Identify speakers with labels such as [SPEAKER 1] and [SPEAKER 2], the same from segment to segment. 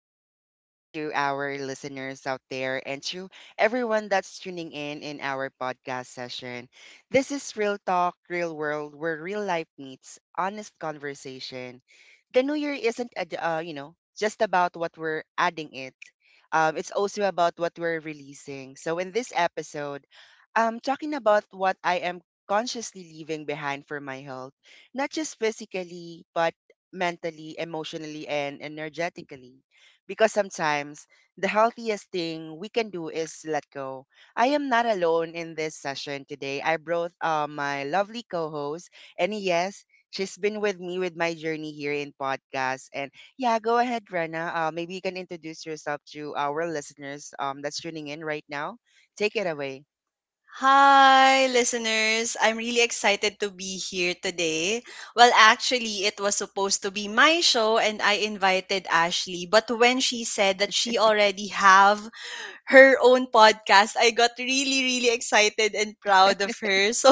[SPEAKER 1] Good evening to our listeners out there and to everyone that's tuning in our podcast session. This is Real Talk, Real World, where real life meets honest conversation. The new year isn't, just about what we're adding it. It's also about what we're releasing. So in this episode, I'm talking about what I am consciously leaving behind for my health, not just physically, but mentally, emotionally, and energetically. Because sometimes the healthiest thing we can do is let go. I am not alone in this session today. I brought my lovely co host, and yes, she's been with me with my journey here in podcast. And yeah, go ahead, Rena. Maybe you can introduce yourself to our listeners that's tuning in right now. Take it away.
[SPEAKER 2] Hi, listeners. I'm really excited to be here today. Well, actually, it was supposed to be my show and I invited Ashley, but when she said that she already have her own podcast, I got really, really excited and proud of her. So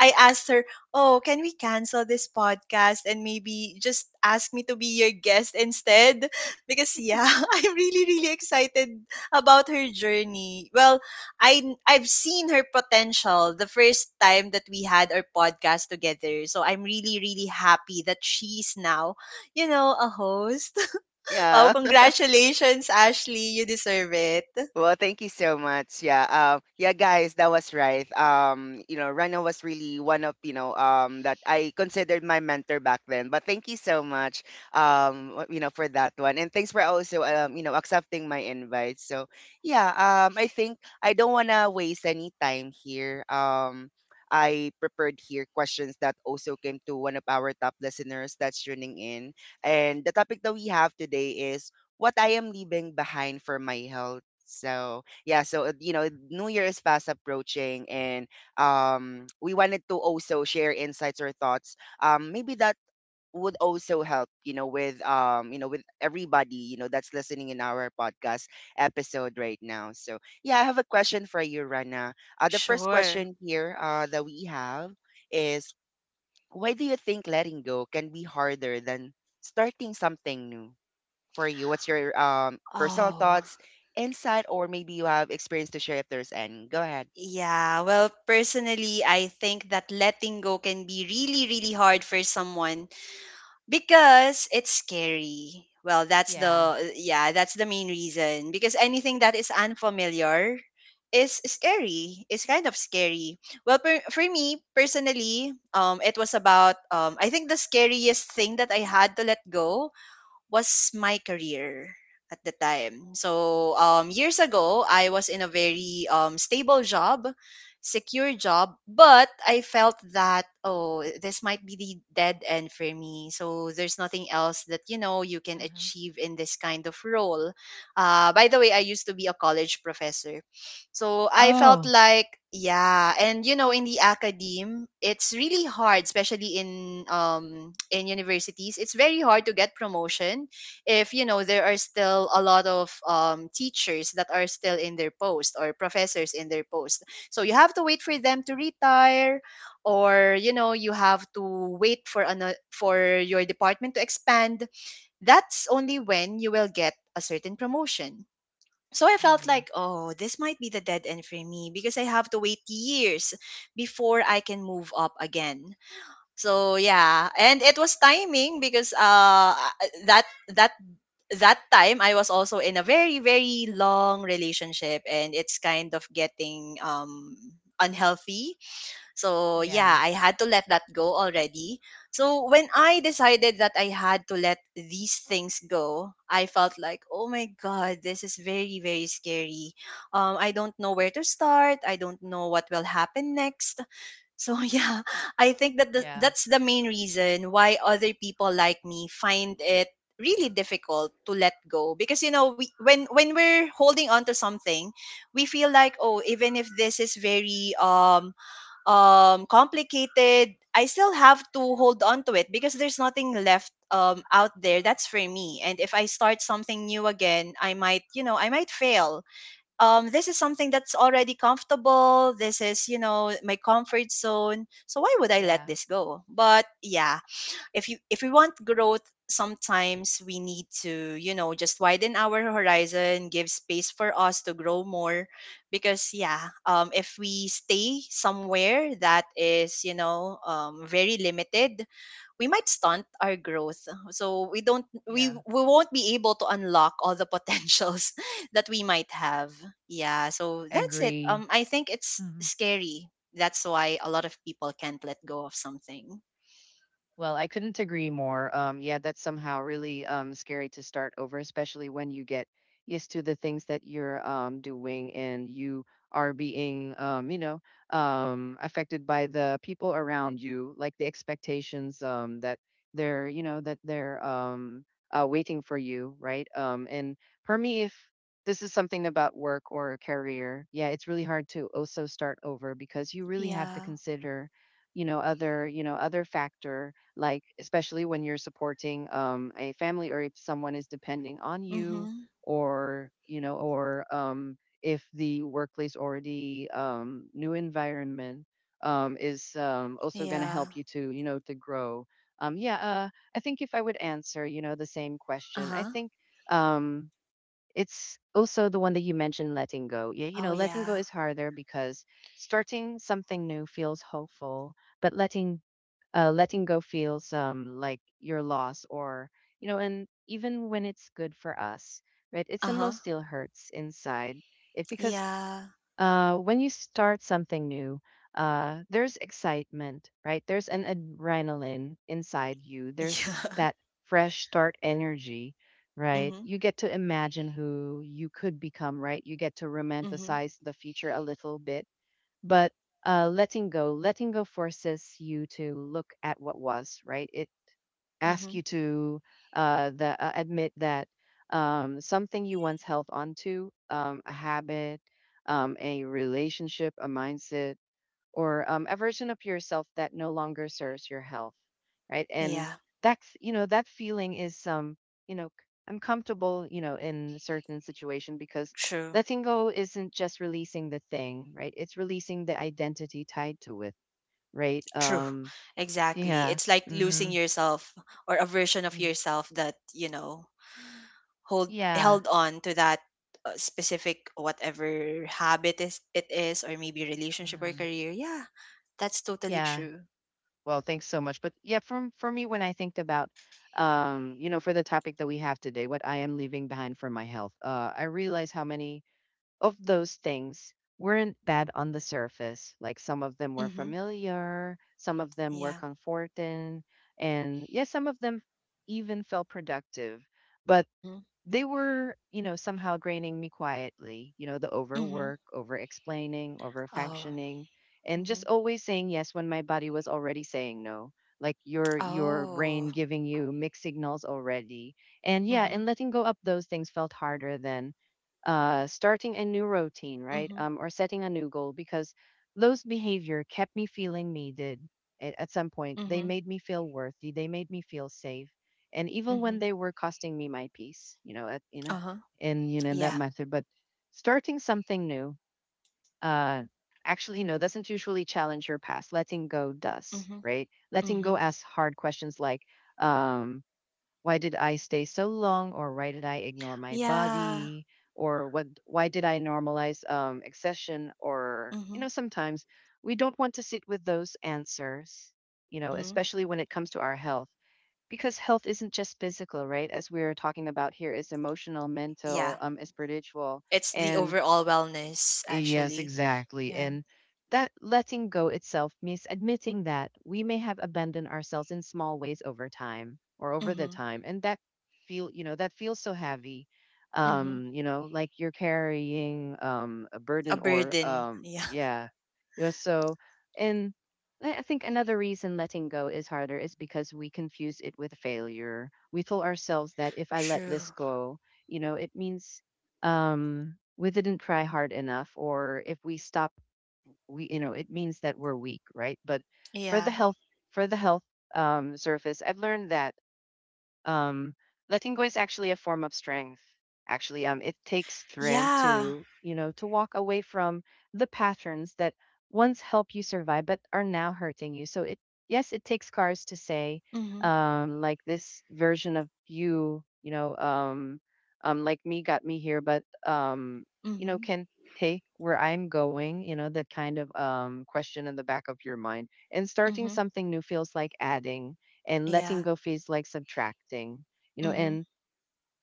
[SPEAKER 2] I asked her, "Oh, can we cancel this podcast and maybe just ask me to be your guest instead?" Because, yeah, I'm really, really excited about her journey. Well, I've seen her potential the first time that we had our podcast together. So I'm really, really happy that she's now a host. Wow,
[SPEAKER 1] Yeah.
[SPEAKER 2] congratulations, Ashley. You deserve it.
[SPEAKER 1] Well, thank you so much. Yeah. Yeah, guys, that was right. Rana was really one of, that I considered my mentor back then. But thank you so much, for that one. And thanks for also, accepting my invite. So, yeah, I think I don't want to waste any time here. I prepared here questions that also came to one of our top listeners that's tuning in. And the topic that we have today is what I am leaving behind for my health. So yeah, so New Year is fast approaching, and we wanted to also share insights or thoughts. Maybe that would also help, you know, with with everybody, you know, that's listening in our podcast episode right now. So yeah, I have a question for you, Rana. The first
[SPEAKER 2] Sure.
[SPEAKER 1] question here that we have is, why do you think letting go can be harder than starting something new? For you? What's your personal
[SPEAKER 2] Oh,
[SPEAKER 1] thoughts, insight, or maybe you have experience to share if there's any? Go ahead.
[SPEAKER 2] yeah. Well, personally, I think that letting go can be really, really hard for someone because it's scary. Well, that's
[SPEAKER 1] Yeah.
[SPEAKER 2] the yeah, that's the main reason because anything that is unfamiliar is scary. It's kind of scary. Well, for me personally, it was about I think the scariest thing that I had to let go was my career at the time. So years ago, I was in a very stable job, secure job, but I felt that, oh, this might be the dead end for me. So there's nothing else that you can
[SPEAKER 1] Uh-huh.
[SPEAKER 2] achieve in this kind of role. By the way, I used to be a college professor, so I felt
[SPEAKER 1] Oh.
[SPEAKER 2] like, yeah, and in the academe, it's really hard, especially in in universities. It's very hard to get promotion if there are still a lot of teachers that are still in their post or professors in their post. So you have to wait for them to retire, or you have to wait for your department to expand. That's only when you will get a certain promotion. So I felt
[SPEAKER 1] Uh-huh.
[SPEAKER 2] like, oh, this might be the dead end for me because I have to wait years before I can move up again. So yeah, and it was timing because that that that time I was also in a very, very long relationship, and it's kind of getting unhealthy. So
[SPEAKER 1] Yeah.
[SPEAKER 2] yeah, I had to let that go already. So when I decided that I had to let these things go, I felt like, oh my god, this is very, very scary. I don't know where to start. I don't know what will happen next. So yeah, I think
[SPEAKER 1] Yeah.
[SPEAKER 2] that's the main reason why other people like me find it really difficult to let go because when we're holding on to something, we feel like, oh, even if this is very complicated, I still have to hold on to it because there's nothing left out there. That's for me. And if I start something new again, I might fail. This is something that's already comfortable. This is my comfort zone. So why would I let
[SPEAKER 1] Yeah.
[SPEAKER 2] this go? But yeah, if we want growth, sometimes we need to just widen our horizon, give space for us to grow more because yeah, if we stay somewhere that is very limited, we might stunt our growth, so we don't
[SPEAKER 1] Yeah.
[SPEAKER 2] we won't be able to unlock all the potentials that we might have. Yeah, so that's it.
[SPEAKER 1] Agree.
[SPEAKER 2] I think it's scary. That's why a lot of people can't let go of something.
[SPEAKER 1] Well, I couldn't agree more. Yeah, that's somehow really scary to start over, especially when you get used to the things that you're doing and you are being, affected by the people around you, like the expectations that they're, you know, that they're waiting for you, right? And for me, if this is something about work or a career, yeah, it's really hard to also start over because you really have to
[SPEAKER 2] Yeah.
[SPEAKER 1] consider, you know, other, you know, other factor, like especially when you're supporting a family or if someone is depending on you
[SPEAKER 2] Mhm.
[SPEAKER 1] or you know, or if the workplace already new environment is also going to
[SPEAKER 2] Yeah.
[SPEAKER 1] help you to, you know, to grow, yeah. I think if I would answer, you know, the same question, I
[SPEAKER 2] Uh-huh.
[SPEAKER 1] think, um, it's also the one that you mentioned, letting go. Yeah, you
[SPEAKER 2] Oh,
[SPEAKER 1] know, letting go
[SPEAKER 2] yeah.
[SPEAKER 1] is harder because starting something new feels hopeful, but letting go feels like your loss, or you know, and even when it's good for us, right, it somehow
[SPEAKER 2] Uh-huh.
[SPEAKER 1] still hurts inside it, because
[SPEAKER 2] Yeah.
[SPEAKER 1] when you start something new, there's excitement, right, there's an adrenaline inside you, there's
[SPEAKER 2] Yeah.
[SPEAKER 1] that fresh start energy, right,
[SPEAKER 2] Mhm.
[SPEAKER 1] you get to imagine who you could become, right, you get to
[SPEAKER 2] Mhm.
[SPEAKER 1] romanticize the future a little bit. But letting go forces you to look at what was, right, it asks
[SPEAKER 2] Mhm.
[SPEAKER 1] you to admit that something you once held onto, a habit, a relationship, a mindset, or a version of yourself that no longer serves your health, right. And
[SPEAKER 2] Yeah.
[SPEAKER 1] that's, you know, that feeling is you know I 'm comfortable, you know, in a certain situation because
[SPEAKER 2] True.
[SPEAKER 1] letting go isn't just releasing the thing, right, it's releasing the identity tied to it, right.
[SPEAKER 2] True. Exactly.
[SPEAKER 1] Yeah.
[SPEAKER 2] It's like
[SPEAKER 1] Hmm.
[SPEAKER 2] losing yourself or a version of yourself that hold
[SPEAKER 1] Yeah.
[SPEAKER 2] held on to that specific, whatever habit is it is, or maybe relationship or
[SPEAKER 1] Mhm.
[SPEAKER 2] career. Yeah. That's totally
[SPEAKER 1] Yeah.
[SPEAKER 2] true.
[SPEAKER 1] Well, thanks so much. But yeah, from for me, when I think about, for the topic that we have today, what I am leaving behind for my health, I realize how many of those things weren't bad on the surface. Like some of them were
[SPEAKER 2] Mhm.
[SPEAKER 1] familiar, some of them were
[SPEAKER 2] Yeah.
[SPEAKER 1] comforting, and yes, some of them even felt productive. But
[SPEAKER 2] Mhm.
[SPEAKER 1] they were, you know, somehow draining me quietly. You know, the
[SPEAKER 2] Mhm.
[SPEAKER 1] overwork, over explaining, over
[SPEAKER 2] Oh.
[SPEAKER 1] functioning, and just
[SPEAKER 2] Mhm.
[SPEAKER 1] always saying yes when my body was already saying no. Like your
[SPEAKER 2] Oh.
[SPEAKER 1] brain giving you mixed signals already. And yeah, and
[SPEAKER 2] Mhm.
[SPEAKER 1] letting go of those things felt harder than starting a new routine, right?
[SPEAKER 2] Mhm.
[SPEAKER 1] Or setting a new goal, because those behavior kept me feeling needed at some point. They
[SPEAKER 2] Mhm.
[SPEAKER 1] made me feel worthy. They made me feel safe, and even when
[SPEAKER 2] Mhm.
[SPEAKER 1] they were costing me my peace, you know, at, in a-
[SPEAKER 2] Uh-huh.
[SPEAKER 1] in, you know, in that
[SPEAKER 2] Yeah.
[SPEAKER 1] method. But starting something new, uh actually no doesn't usually challenge your past, letting go does,
[SPEAKER 2] Mhm.
[SPEAKER 1] right. Letting go
[SPEAKER 2] Mhm.
[SPEAKER 1] asks hard questions like, um why did I stay so long, or why did I ignore my
[SPEAKER 2] Yeah.
[SPEAKER 1] body, or what why did I normalize accession. Or, you
[SPEAKER 2] Mhm.
[SPEAKER 1] know, sometimes we don't want to sit with those answers, you know,
[SPEAKER 2] Mhm.
[SPEAKER 1] especially when it comes to our health, because health isn't just physical, right? As we're talking about here, it's emotional,
[SPEAKER 2] Yeah.
[SPEAKER 1] mental, it's spiritual,
[SPEAKER 2] It's the
[SPEAKER 1] and
[SPEAKER 2] overall wellness,
[SPEAKER 1] yes,
[SPEAKER 2] actually.
[SPEAKER 1] exactly.
[SPEAKER 2] Yeah.
[SPEAKER 1] And that letting go itself means admitting that we may have abandoned ourselves in small ways over time, or over the
[SPEAKER 2] Mhm.
[SPEAKER 1] time. And that feel, you know, that feels so heavy.
[SPEAKER 2] Mhm.
[SPEAKER 1] You know, like you're carrying a
[SPEAKER 2] A
[SPEAKER 1] burden, or
[SPEAKER 2] burden. Yeah.
[SPEAKER 1] yeah. You know, so and I think another reason letting go is harder is because we confuse it with failure. We told ourselves that if I let
[SPEAKER 2] True.
[SPEAKER 1] this go, you know, it means we didn't try hard enough, or if we stop, we, you know, it means that we're weak, right. But for the
[SPEAKER 2] Yeah.
[SPEAKER 1] health, for the health surface, I've learned that um, letting go is actually a form of strength. Actually, it takes strength
[SPEAKER 2] Yeah.
[SPEAKER 1] to, you know, to walk away from the patterns that once helped you survive but are now hurting you. So it, yes, it takes courage to say,
[SPEAKER 2] Mhm.
[SPEAKER 1] like this version of you, you know, like me got me here, but you know,
[SPEAKER 2] Mhm.
[SPEAKER 1] can take where I'm going, you know, that kind of question in the back of your mind. And starting
[SPEAKER 2] Mhm.
[SPEAKER 1] something new feels like adding, and letting
[SPEAKER 2] Yeah.
[SPEAKER 1] go feels like subtracting, you know,
[SPEAKER 2] Mhm.
[SPEAKER 1] and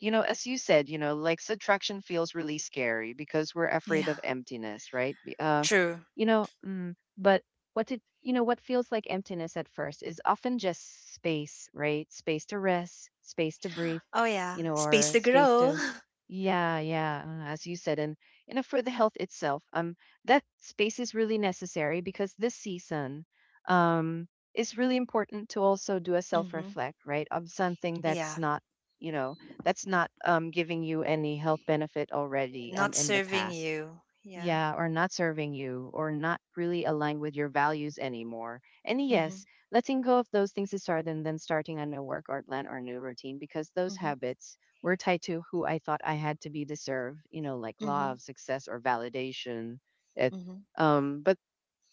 [SPEAKER 1] you know, as you said, you know, like subtraction feels really scary because we're afraid
[SPEAKER 2] Yeah.
[SPEAKER 1] of emptiness, right?
[SPEAKER 2] True.
[SPEAKER 1] But what it, you know, what feels like emptiness at first is often just space, right? Space to rest, space to breathe,
[SPEAKER 2] Oh,
[SPEAKER 1] you
[SPEAKER 2] yeah.
[SPEAKER 1] know, or
[SPEAKER 2] Space to
[SPEAKER 1] space
[SPEAKER 2] grow.
[SPEAKER 1] to, yeah, yeah, as you said, and you know, for the health itself, that space is really necessary because this season, um, is really important to also do a self
[SPEAKER 2] Mhm.
[SPEAKER 1] reflect, right, of something that's
[SPEAKER 2] Yeah.
[SPEAKER 1] not, you know, that's not giving you any health benefit already
[SPEAKER 2] Not
[SPEAKER 1] in the
[SPEAKER 2] serving
[SPEAKER 1] past.
[SPEAKER 2] you. Yeah.
[SPEAKER 1] Yeah, or not serving you, or not really aligned with your values anymore. And yes,
[SPEAKER 2] Mhm.
[SPEAKER 1] letting go of those things is hard, and then starting a new work or plan or new routine, because those
[SPEAKER 2] Mhm.
[SPEAKER 1] habits were tied to who I thought I had to be to serve, you know, like law
[SPEAKER 2] Mhm.
[SPEAKER 1] of success or validation. It,
[SPEAKER 2] Mhm.
[SPEAKER 1] but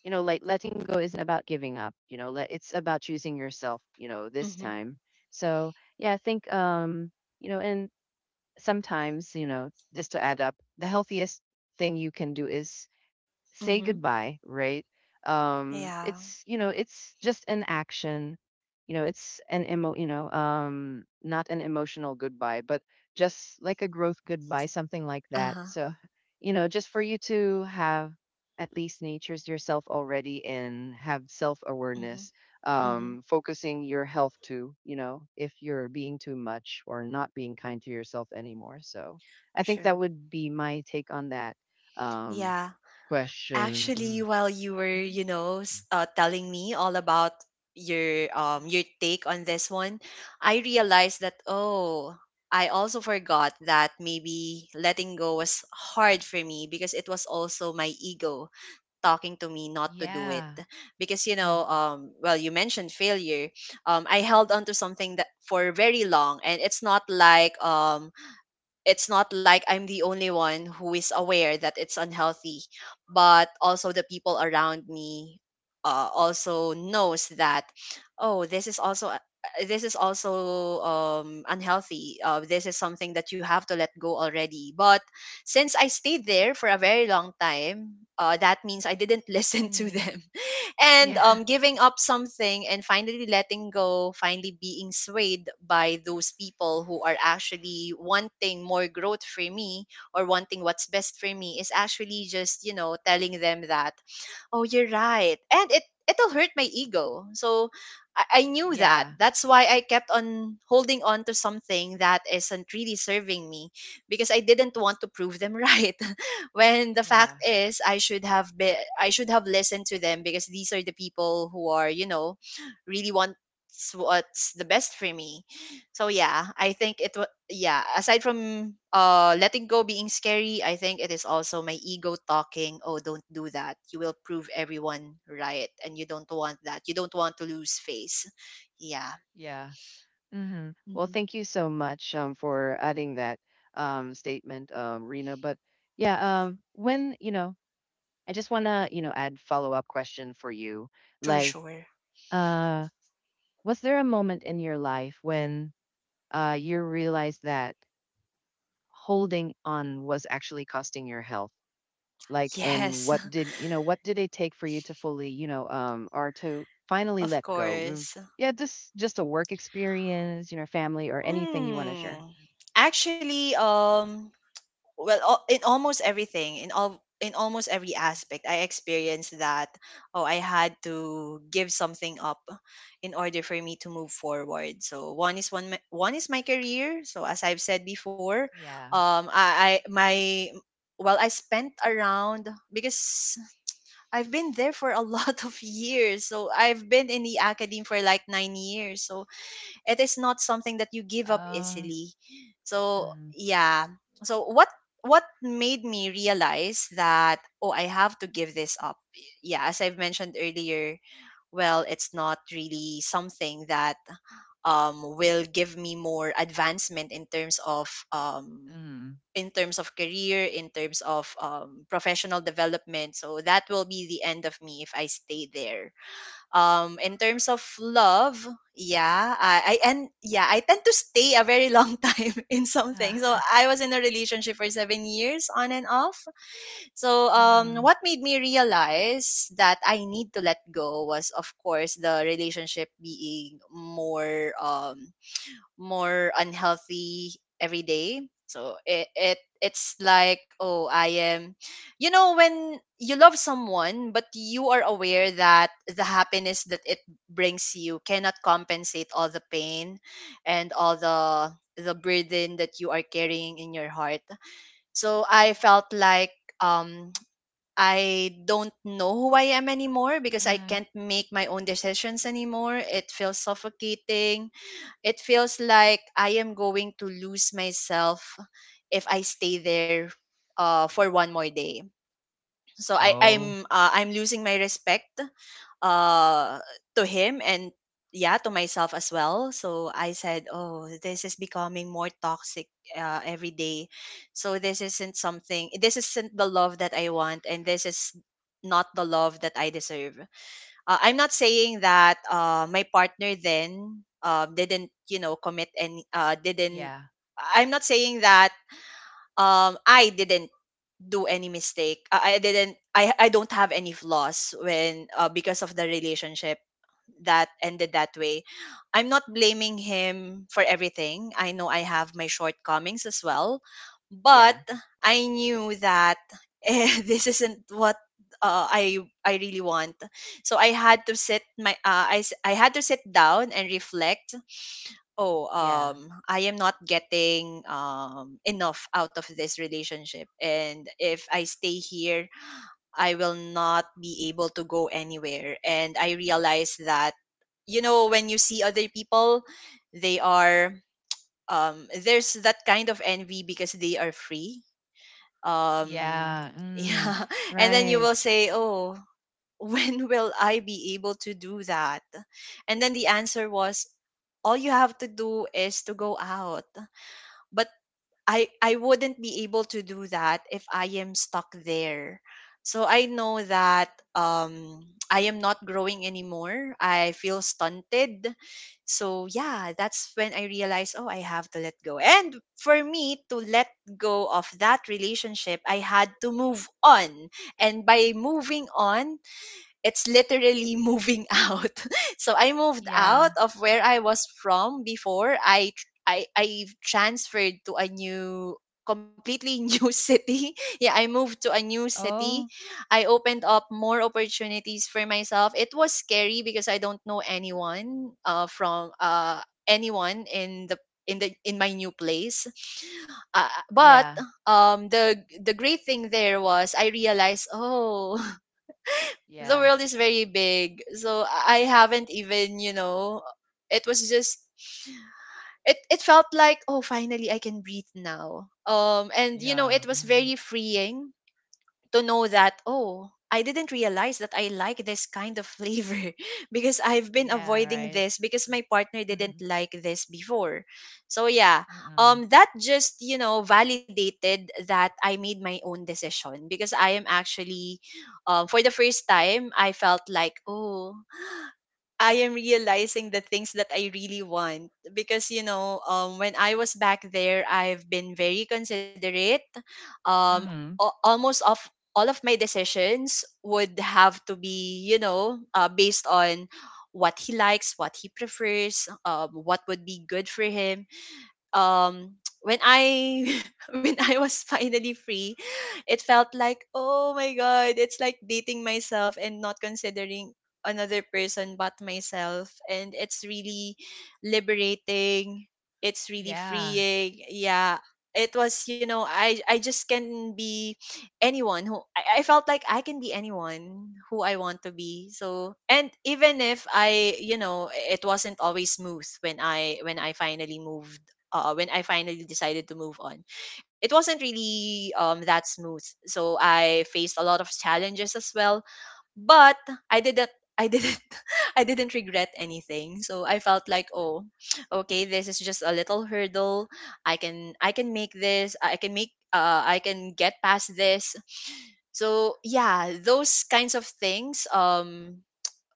[SPEAKER 1] you know, like letting go isn't about giving up. You know, let, it's about choosing yourself. You know, this
[SPEAKER 2] Mhm.
[SPEAKER 1] time. So yeah, I think, you know, and sometimes, you know, just to add up, the healthiest thing you can do is say
[SPEAKER 2] Mhm.
[SPEAKER 1] goodbye, right?
[SPEAKER 2] Yeah.
[SPEAKER 1] It's, you know, it's just an action, you know, it's an emo, you know, not an emotional goodbye, but just like a growth goodbye, something like that.
[SPEAKER 2] Uh-huh.
[SPEAKER 1] So, you know, just for you to have at least nature's yourself already and have self awareness,
[SPEAKER 2] Mhm. Mhm.
[SPEAKER 1] focusing your health too, you know, if you're being too much or not being kind to yourself anymore. So, I think that
[SPEAKER 2] True.
[SPEAKER 1] would be my take on that. Um,
[SPEAKER 2] Yeah.
[SPEAKER 1] Question.
[SPEAKER 2] Actually, while you
[SPEAKER 1] Mm.
[SPEAKER 2] were,
[SPEAKER 1] Mm.
[SPEAKER 2] telling me all about your take on this one, I realized that, oh, I also forgot that maybe letting go was hard for me because it was also my ego talking to me not to do it.
[SPEAKER 1] Yeah.
[SPEAKER 2] Because
[SPEAKER 1] Mm.
[SPEAKER 2] well, you mentioned failure. I held on to something that for very long, and it's not like I'm the only one who is aware that it's unhealthy, but also the people around me also knows that, oh, this is also unhealthy. This is something that you have to let go already. But since I stayed there for a very long time, that means I didn't listen to them, and giving up something and finally letting go, finally being swayed by those people who are actually wanting more growth for me or wanting what's best for me, is actually just telling them that, oh, you're right. And it'll hurt my ego. So I knew that.
[SPEAKER 1] Yeah.
[SPEAKER 2] That's why I kept on holding on to something that isn't really serving me because I didn't want to prove them right. When the fact
[SPEAKER 1] Yeah.
[SPEAKER 2] is, I should have listened to them because these are the people who are really wants what's the best for me. So yeah, I think it was yeah, aside from letting go being scary, I think it is also my ego talking, oh, don't do that. You will prove everyone right and you don't want that. You don't want to lose face. Yeah.
[SPEAKER 1] Yeah. Hmm. Well,
[SPEAKER 2] Mhm.
[SPEAKER 1] thank you so much for adding that statement, Rena. But yeah, when, you know, I just want to, you know, add follow up question for you.
[SPEAKER 2] Sure,
[SPEAKER 1] Like,
[SPEAKER 2] sure.
[SPEAKER 1] uh, was there a moment in your life when you realized that holding on was actually costing your health? Like and
[SPEAKER 2] Yes,
[SPEAKER 1] what did you know what did it take for you to fully you know or to finally
[SPEAKER 2] of
[SPEAKER 1] let go? Mm,
[SPEAKER 2] course.
[SPEAKER 1] yeah, just a work experience, you know, family, or anything you want to share.
[SPEAKER 2] Mm. Actually, well, in almost every aspect, I experienced that, oh, I had to give something up in order for me to move forward. So one is my career. So as I've said before,
[SPEAKER 1] Yeah.
[SPEAKER 2] I my well, I spent around because I've been there for a lot of years, so I've been in the academy for like 9 years, so it is not something that you give up
[SPEAKER 1] Oh.
[SPEAKER 2] easily. So
[SPEAKER 1] Mm.
[SPEAKER 2] yeah. So what made me realize that, oh, I have to give this up. Yeah, as I've mentioned earlier, well, it's not really something that will give me more advancement in terms of um,
[SPEAKER 1] Mm.
[SPEAKER 2] career in terms of professional development, so that will be the end of me if I stay there. In terms of love, yeah, I and yeah I tend to stay a very long time in
[SPEAKER 1] Uh,
[SPEAKER 2] something, so I was in a relationship for 7 years on and off. So
[SPEAKER 1] mm.
[SPEAKER 2] what made me realize that I need to let go was, of course, the relationship being more unhealthy every day. So it's like, oh, I am you know when you love someone but you are aware that the happiness that it brings you cannot compensate all the pain and all the burden that you are carrying in your heart. So I felt like um I don't know who I am anymore because I
[SPEAKER 1] Uh-huh.
[SPEAKER 2] can't make my own decisions anymore. It feels suffocating. It feels like I am going to lose myself if I stay there for one more day. So I,
[SPEAKER 1] Oh.
[SPEAKER 2] I'm uh, I'm losing my respect uh, to him, and yeah, to myself as well. So I said, oh, this is becoming more toxic every day. So this isn't something. This isn't the love that I want, and this is not the love that I deserve. I'm not saying that my partner then didn't, commit any, didn't,
[SPEAKER 1] Yeah.
[SPEAKER 2] I'm not saying that I didn't do any mistake. I didn't, I don't have any flaws because of the relationship that ended that way. I'm not blaming him for everything. I know I have my shortcomings as well, but
[SPEAKER 1] Yeah.
[SPEAKER 2] I knew that this isn't what uh, I I really want. So I had to sit down and reflect. Oh,
[SPEAKER 1] Yeah.
[SPEAKER 2] I am not getting enough out of this relationship, and if I stay here I will not be able to go anywhere. And I realized that when you see other people, they are, there's that kind of envy because they are free. Um,
[SPEAKER 1] Yeah. Mm.
[SPEAKER 2] yeah. And then you
[SPEAKER 1] Right.
[SPEAKER 2] will say, oh, when will I be able to do that? And then the answer was, all you have to do is to go out. But I wouldn't be able to do that if I am stuck there. So I know that I am not growing anymore. I feel stunted. So yeah, that's when I realized, oh, I have to let go. And for me to let go of that relationship, I had to move on. And by moving on, it's literally moving out. So I moved out
[SPEAKER 1] Yeah.
[SPEAKER 2] of where I was from before. I tr- I transferred to a new completely new city. Yeah, I moved to a new
[SPEAKER 1] Oh.
[SPEAKER 2] city. I opened up more opportunities for myself. It was scary because I don't know anyone from anyone in the in my new place. But
[SPEAKER 1] Yeah.
[SPEAKER 2] The great thing there was I realized, oh, the
[SPEAKER 1] Yeah.
[SPEAKER 2] world is very big, so I haven't even, it was just, it felt like, oh, finally I can breathe now. And you know, it
[SPEAKER 1] Yeah.
[SPEAKER 2] was
[SPEAKER 1] Mm.
[SPEAKER 2] very freeing to know that, oh, I didn't realize that I like this kind of flavor because I've been
[SPEAKER 1] Yeah.
[SPEAKER 2] avoiding
[SPEAKER 1] Right.
[SPEAKER 2] this because my partner didn't
[SPEAKER 1] Mm.
[SPEAKER 2] like this before. So yeah,
[SPEAKER 1] Mm. Mm.
[SPEAKER 2] that just, you know, validated that I made my own decision because I am actually, for the first time, I felt like, oh, I am realizing the things that I really want, because, you know, when I was back there, I've been very considerate. um
[SPEAKER 1] Mm. Mhm.
[SPEAKER 2] almost of all of my decisions would have to be, you know, based on what he likes, what he prefers, what would be good for him. um when I, when I was finally free, it felt like, oh my god, it's like dating myself and not considering another person but myself, and it's really liberating. It's really
[SPEAKER 1] Yeah.
[SPEAKER 2] freeing. Yeah. It was, you know, I just can be anyone who I felt like I can be anyone who I want to be. So, and even if I, you know, it wasn't always smooth when I, when I finally moved, when I finally decided to move on, it wasn't really that smooth. So I faced a lot of challenges as well, but I didn't. I didn't. I didn't regret anything. So I felt like, oh, okay, this is just a little hurdle. I can. I can make this. I can make. I can get past this. So yeah, those kinds of things. Um,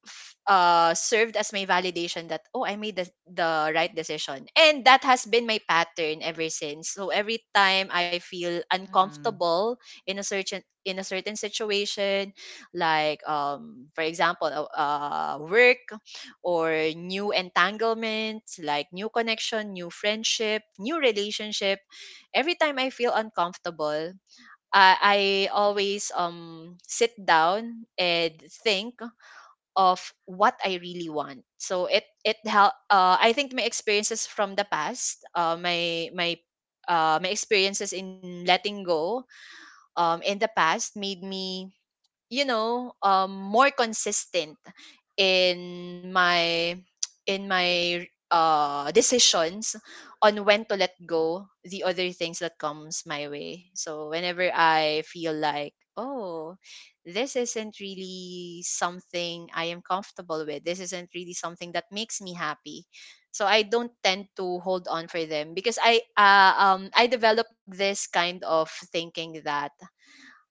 [SPEAKER 2] f- uh, Served as my validation that, oh, I made the right decision, and that has been my pattern ever since. So every time I feel
[SPEAKER 1] Mm-mm.
[SPEAKER 2] uncomfortable in a certain, situation, like for example, work, or new entanglements, like new connection, new friendship, new relationship, every time I feel uncomfortable, I I always sit down and think of what I really want. So it help. I think my experiences from the past, my experiences in letting go in the past made me, you know, more consistent in my, in my decisions on when to let go the other things that comes my way. So whenever I feel like, oh, this isn't really something I am comfortable with, this isn't really something that makes me happy, so I don't tend to hold on for them, because I, I developed this kind of thinking that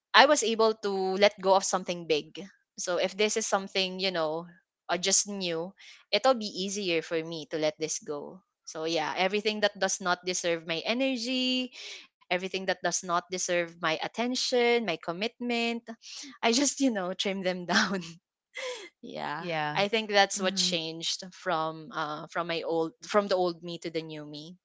[SPEAKER 2] I was able to let go of something big. So if this is something, you know, I just knew, it'll be easier for me to let this go. So yeah, everything that does not deserve my energy, everything that does not deserve my attention, my commitment, I just, you know, trim them down. yeah.
[SPEAKER 1] Yeah.
[SPEAKER 2] I think that's what
[SPEAKER 1] Mhm.
[SPEAKER 2] changed from, from my old from the old me to the new me.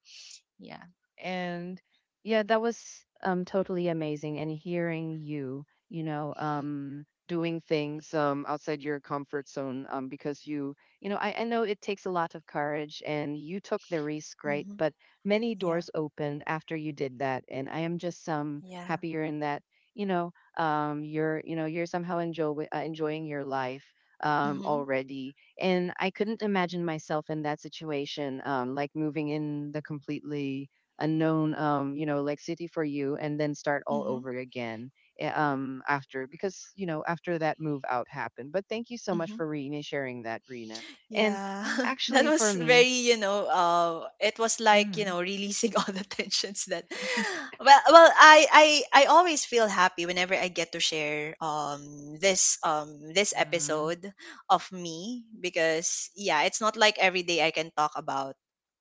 [SPEAKER 2] Yeah.
[SPEAKER 1] And yeah, that was totally amazing, and hearing you, you know, doing things outside your comfort zone, because you know, I know it takes a lot of courage, and you took the risk, right?
[SPEAKER 2] Mhm.
[SPEAKER 1] But many
[SPEAKER 2] Yeah.
[SPEAKER 1] doors opened after you did that, and I am just
[SPEAKER 2] Yeah.
[SPEAKER 1] happier in that, you know, you're somehow enjoying your life
[SPEAKER 2] Mhm.
[SPEAKER 1] already, and I couldn't imagine myself in that situation, like moving in the completely unknown, you know, like city for you, and then start all
[SPEAKER 2] Mhm.
[SPEAKER 1] over again, after, because you know, after that move out happened. But thank you so much
[SPEAKER 2] Mhm.
[SPEAKER 1] for Rena sharing that, Rina. And
[SPEAKER 2] Yeah, that
[SPEAKER 1] actually for
[SPEAKER 2] was
[SPEAKER 1] me,
[SPEAKER 2] very, you know, it was like, you
[SPEAKER 1] hmm
[SPEAKER 2] know, releasing all the tensions that, well, I always feel happy whenever I get to share this this
[SPEAKER 1] mm,
[SPEAKER 2] episode of me, because yeah, it's not like every day I can talk about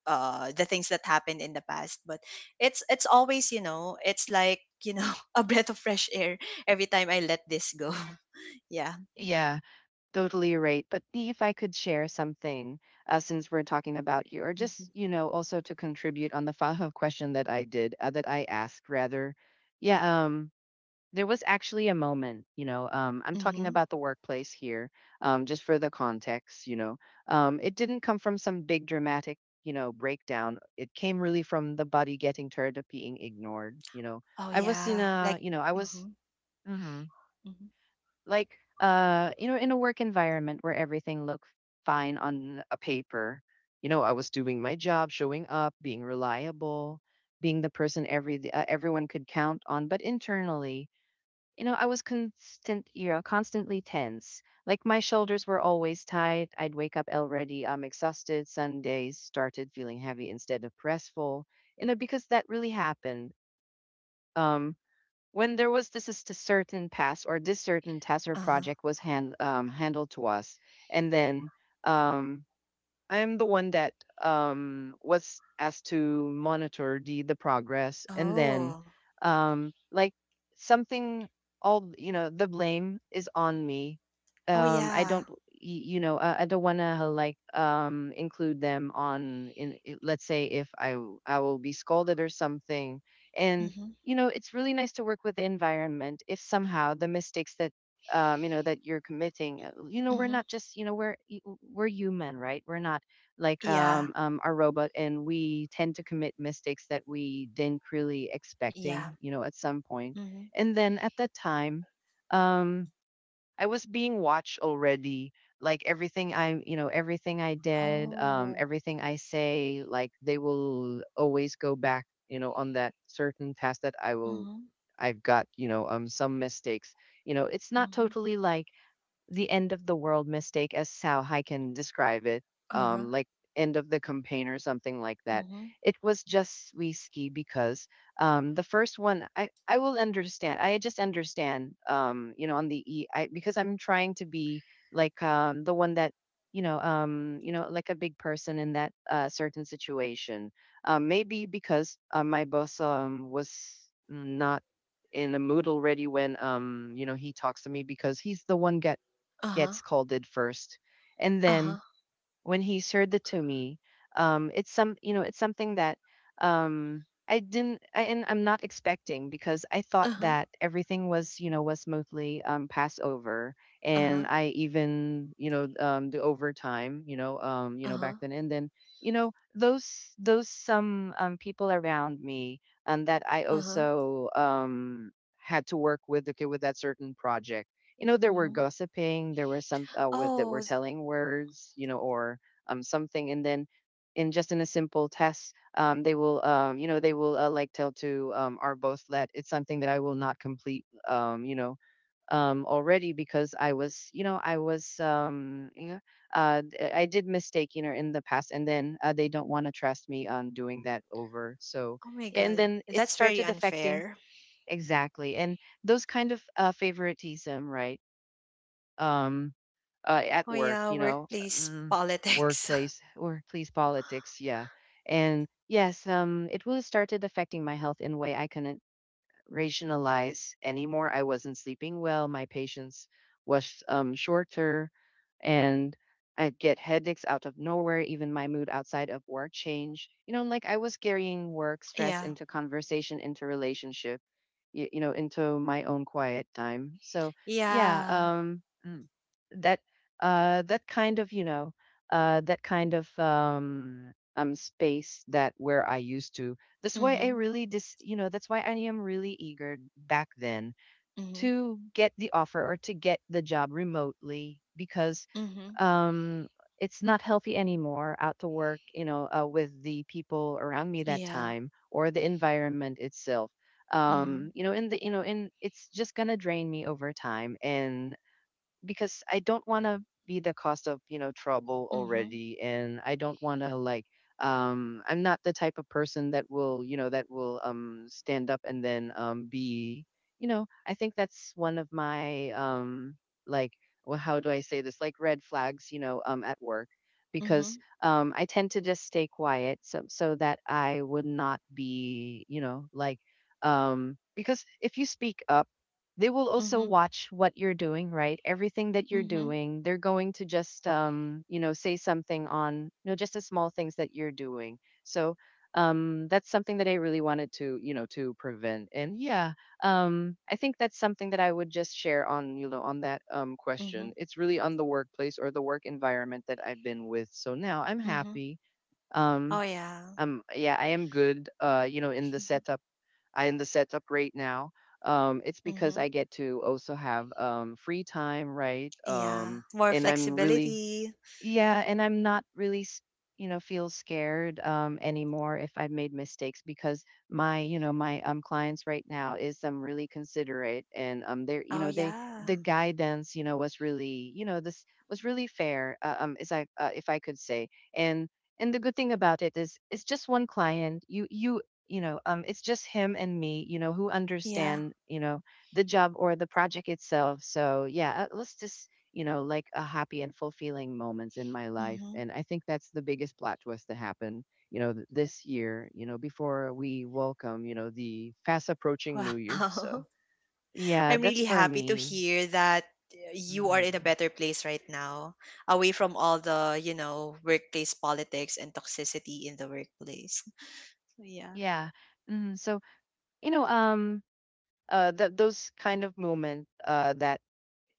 [SPEAKER 2] the things that happened in the past, but it's always, you know, it's like, you know, a breath of fresh air every time I let this go. Yeah.
[SPEAKER 1] yeah, totally right. But if I could share something, since we're talking about you, or
[SPEAKER 2] Hmm.
[SPEAKER 1] just, you know, also to contribute on the follow-up question that I did, that I asked rather. Yeah. Um. There was actually a moment, you know, I'm talking
[SPEAKER 2] Hmm.
[SPEAKER 1] about the workplace here, just for the context, you know. It didn't come from some big dramatic, you know, breakdown. It came really from the body getting tired of being ignored, you know.
[SPEAKER 2] Oh
[SPEAKER 1] I was
[SPEAKER 2] yeah,
[SPEAKER 1] in
[SPEAKER 2] like.
[SPEAKER 1] a, you know, I
[SPEAKER 2] Mhm.
[SPEAKER 1] was, hmm
[SPEAKER 2] Mhm.
[SPEAKER 1] like you know, in a work environment where everything looked fine on a paper. You know, I was doing my job, showing up, being reliable, being the person everyone could count on. But internally, you know, I was constantly tense. Like my shoulders were always tight. I'd wake up already exhausted. Sundays started feeling heavy instead of restful. You know, because that really happened. Um, when there was this certain pass, or this certain task or
[SPEAKER 2] Uh-huh.
[SPEAKER 1] project was handled to us, and then um I'm the one that was asked to monitor the progress, and then,
[SPEAKER 2] Oh.
[SPEAKER 1] like something all, you know, the blame is on me.
[SPEAKER 2] Oh,
[SPEAKER 1] I
[SPEAKER 2] yeah.
[SPEAKER 1] don't y- you know, I don't want to like include them let's say if I will be scolded or something. And
[SPEAKER 2] Mhm.
[SPEAKER 1] you know, it's really nice to work with the environment if somehow the mistakes that, you know, that you're committing, you know, we're
[SPEAKER 2] Mhm.
[SPEAKER 1] not just, you know, we're human, right? We're not like
[SPEAKER 2] Yeah.
[SPEAKER 1] a robot, and we tend to commit mistakes that we didn't really
[SPEAKER 2] Yeah.
[SPEAKER 1] expecting, you know, at some point.
[SPEAKER 2] Mhm.
[SPEAKER 1] And then at that time, um I was being watched already. Like everything I, you know, everything I did,
[SPEAKER 2] Oh.
[SPEAKER 1] everything I say, like they will always go back, you know, on that certain task that I will,
[SPEAKER 2] Mhm.
[SPEAKER 1] I've got, you know, some mistakes. You know, it's not
[SPEAKER 2] Mhm.
[SPEAKER 1] totally like the end of the world mistake, as how I can describe it,
[SPEAKER 2] Uh-huh.
[SPEAKER 1] um, like end of the campaign or something like that.
[SPEAKER 2] Mhm.
[SPEAKER 1] It was just risky because, the first one, I will understand. I just understand, you know, on the E, I, because I'm trying to be like the one that, you know, like a big person in that certain situation. Maybe because my boss was not in the mood already when, you know, he talks to me, because he's the one get
[SPEAKER 2] Uh-huh.
[SPEAKER 1] scolded first. And
[SPEAKER 2] Uh-huh.
[SPEAKER 1] then when he shared it to me, it's some, you know, it's something that I'm not expecting, because I thought
[SPEAKER 2] Uh-huh.
[SPEAKER 1] that everything was, you know, was smoothly passed over.
[SPEAKER 2] Uh-huh.
[SPEAKER 1] And I even, you know, the overtime, you know,
[SPEAKER 2] Uh-huh.
[SPEAKER 1] back then, and then, you know, those some people around me, and that I
[SPEAKER 2] Uh-huh.
[SPEAKER 1] also had to work with okay with that certain project. You know, there were
[SPEAKER 2] Mhm.
[SPEAKER 1] gossiping, there was some with that
[SPEAKER 2] Oh,
[SPEAKER 1] were
[SPEAKER 2] s-
[SPEAKER 1] telling words, you know, or something. And then in just in a simple test, they will, you know, they will like tell to our both that it's something that I will not complete, you know, already because I was, you know, I was, I did mistake, you know, in the past, and then they don't want to trust me on doing that over. So
[SPEAKER 2] oh my
[SPEAKER 1] yeah, and
[SPEAKER 2] God.
[SPEAKER 1] then it
[SPEAKER 2] That's very
[SPEAKER 1] started affecting,
[SPEAKER 2] unfair.
[SPEAKER 1] exactly, and those kind of favoritism, right? um
[SPEAKER 2] Oh
[SPEAKER 1] at work,
[SPEAKER 2] yeah,
[SPEAKER 1] you know,
[SPEAKER 2] workplace
[SPEAKER 1] mm,
[SPEAKER 2] politics.
[SPEAKER 1] workplace politics, yeah. And yes, it will started affecting my health in a way I couldn't rationalize anymore. I wasn't sleeping well. My patience was, shorter, and I'd get headaches out of nowhere. Even my mood outside of work changed. You know, like I was carrying work stress
[SPEAKER 2] yeah.
[SPEAKER 1] into conversation, into relationship, you know, into my own quiet time. So yeah,
[SPEAKER 2] Yeah.
[SPEAKER 1] that that kind of, you know, that kind of space that where I used to, that's why I
[SPEAKER 2] Mhm.
[SPEAKER 1] really dis you know, that's why I am really eager back then
[SPEAKER 2] Mhm.
[SPEAKER 1] to get the offer or to get the job remotely, because
[SPEAKER 2] Mhm.
[SPEAKER 1] um it's not healthy anymore out to work, you know, with the people around me that
[SPEAKER 2] Yeah.
[SPEAKER 1] time or the environment itself.
[SPEAKER 2] Mhm.
[SPEAKER 1] You know, in the you know, in it's just gonna drain me over time. And because I don't want to be the cause of, you know, trouble
[SPEAKER 2] Mhm.
[SPEAKER 1] already, and I don't want to like I'm not the type of person that will, you know, that will stand up and then be, you know, I think that's one of my like well, how do I say this, like red flags, you know, at work.
[SPEAKER 2] Mhm.
[SPEAKER 1] Because I tend to just stay quiet, so that I would not be, you know, like, because if you speak up, they will also
[SPEAKER 2] Mhm.
[SPEAKER 1] watch what you're doing, right? Everything that you're
[SPEAKER 2] Mhm.
[SPEAKER 1] doing, they're going to just you know, say something on, you know, just the small things that you're doing. So that's something that I really wanted to, you know, to prevent. And yeah, I think that's something that I would just share on, you know, on that
[SPEAKER 2] Mhm.
[SPEAKER 1] question. It's really on the workplace or the work environment that I've been with. So now I'm
[SPEAKER 2] Mhm.
[SPEAKER 1] happy,
[SPEAKER 2] Oh
[SPEAKER 1] um
[SPEAKER 2] yeah.
[SPEAKER 1] yeah, I am good. You know, in the
[SPEAKER 2] Mm-hmm.
[SPEAKER 1] setup, I in the setup right now. It's because
[SPEAKER 2] Mhm.
[SPEAKER 1] I get to also have free time, right?
[SPEAKER 2] Yeah. More
[SPEAKER 1] And I'm really,
[SPEAKER 2] flexibility.
[SPEAKER 1] yeah, and I'm not really, you know, feel scared anymore if I've made mistakes, because my, you know, my clients right now is really considerate, and they're, you know,
[SPEAKER 2] Oh,
[SPEAKER 1] they, the
[SPEAKER 2] yeah.
[SPEAKER 1] guidance, you know, was really, you know, this was really fair, is I, if I could say. and and the good thing about it is it's just one client. You know, it's just him and me, you know, who
[SPEAKER 2] Yeah.
[SPEAKER 1] understand, you know, the job or the project itself. So yeah, let's just, you know, like a happy and fulfilling moments in my life.
[SPEAKER 2] Hmm.
[SPEAKER 1] And I think that's the biggest plot twist to happen, you know, this year, you know, before we welcome, you know, the fast approaching new year. So,
[SPEAKER 2] Wow.
[SPEAKER 1] yeah,
[SPEAKER 2] I'm
[SPEAKER 1] that's
[SPEAKER 2] really
[SPEAKER 1] for
[SPEAKER 2] happy to
[SPEAKER 1] me.
[SPEAKER 2] hear that you are in a better place right now, away from all the, you know, workplace politics and toxicity in the workplace. So, yeah.
[SPEAKER 1] Yeah. Mm, so, you know, that those kind of moment that,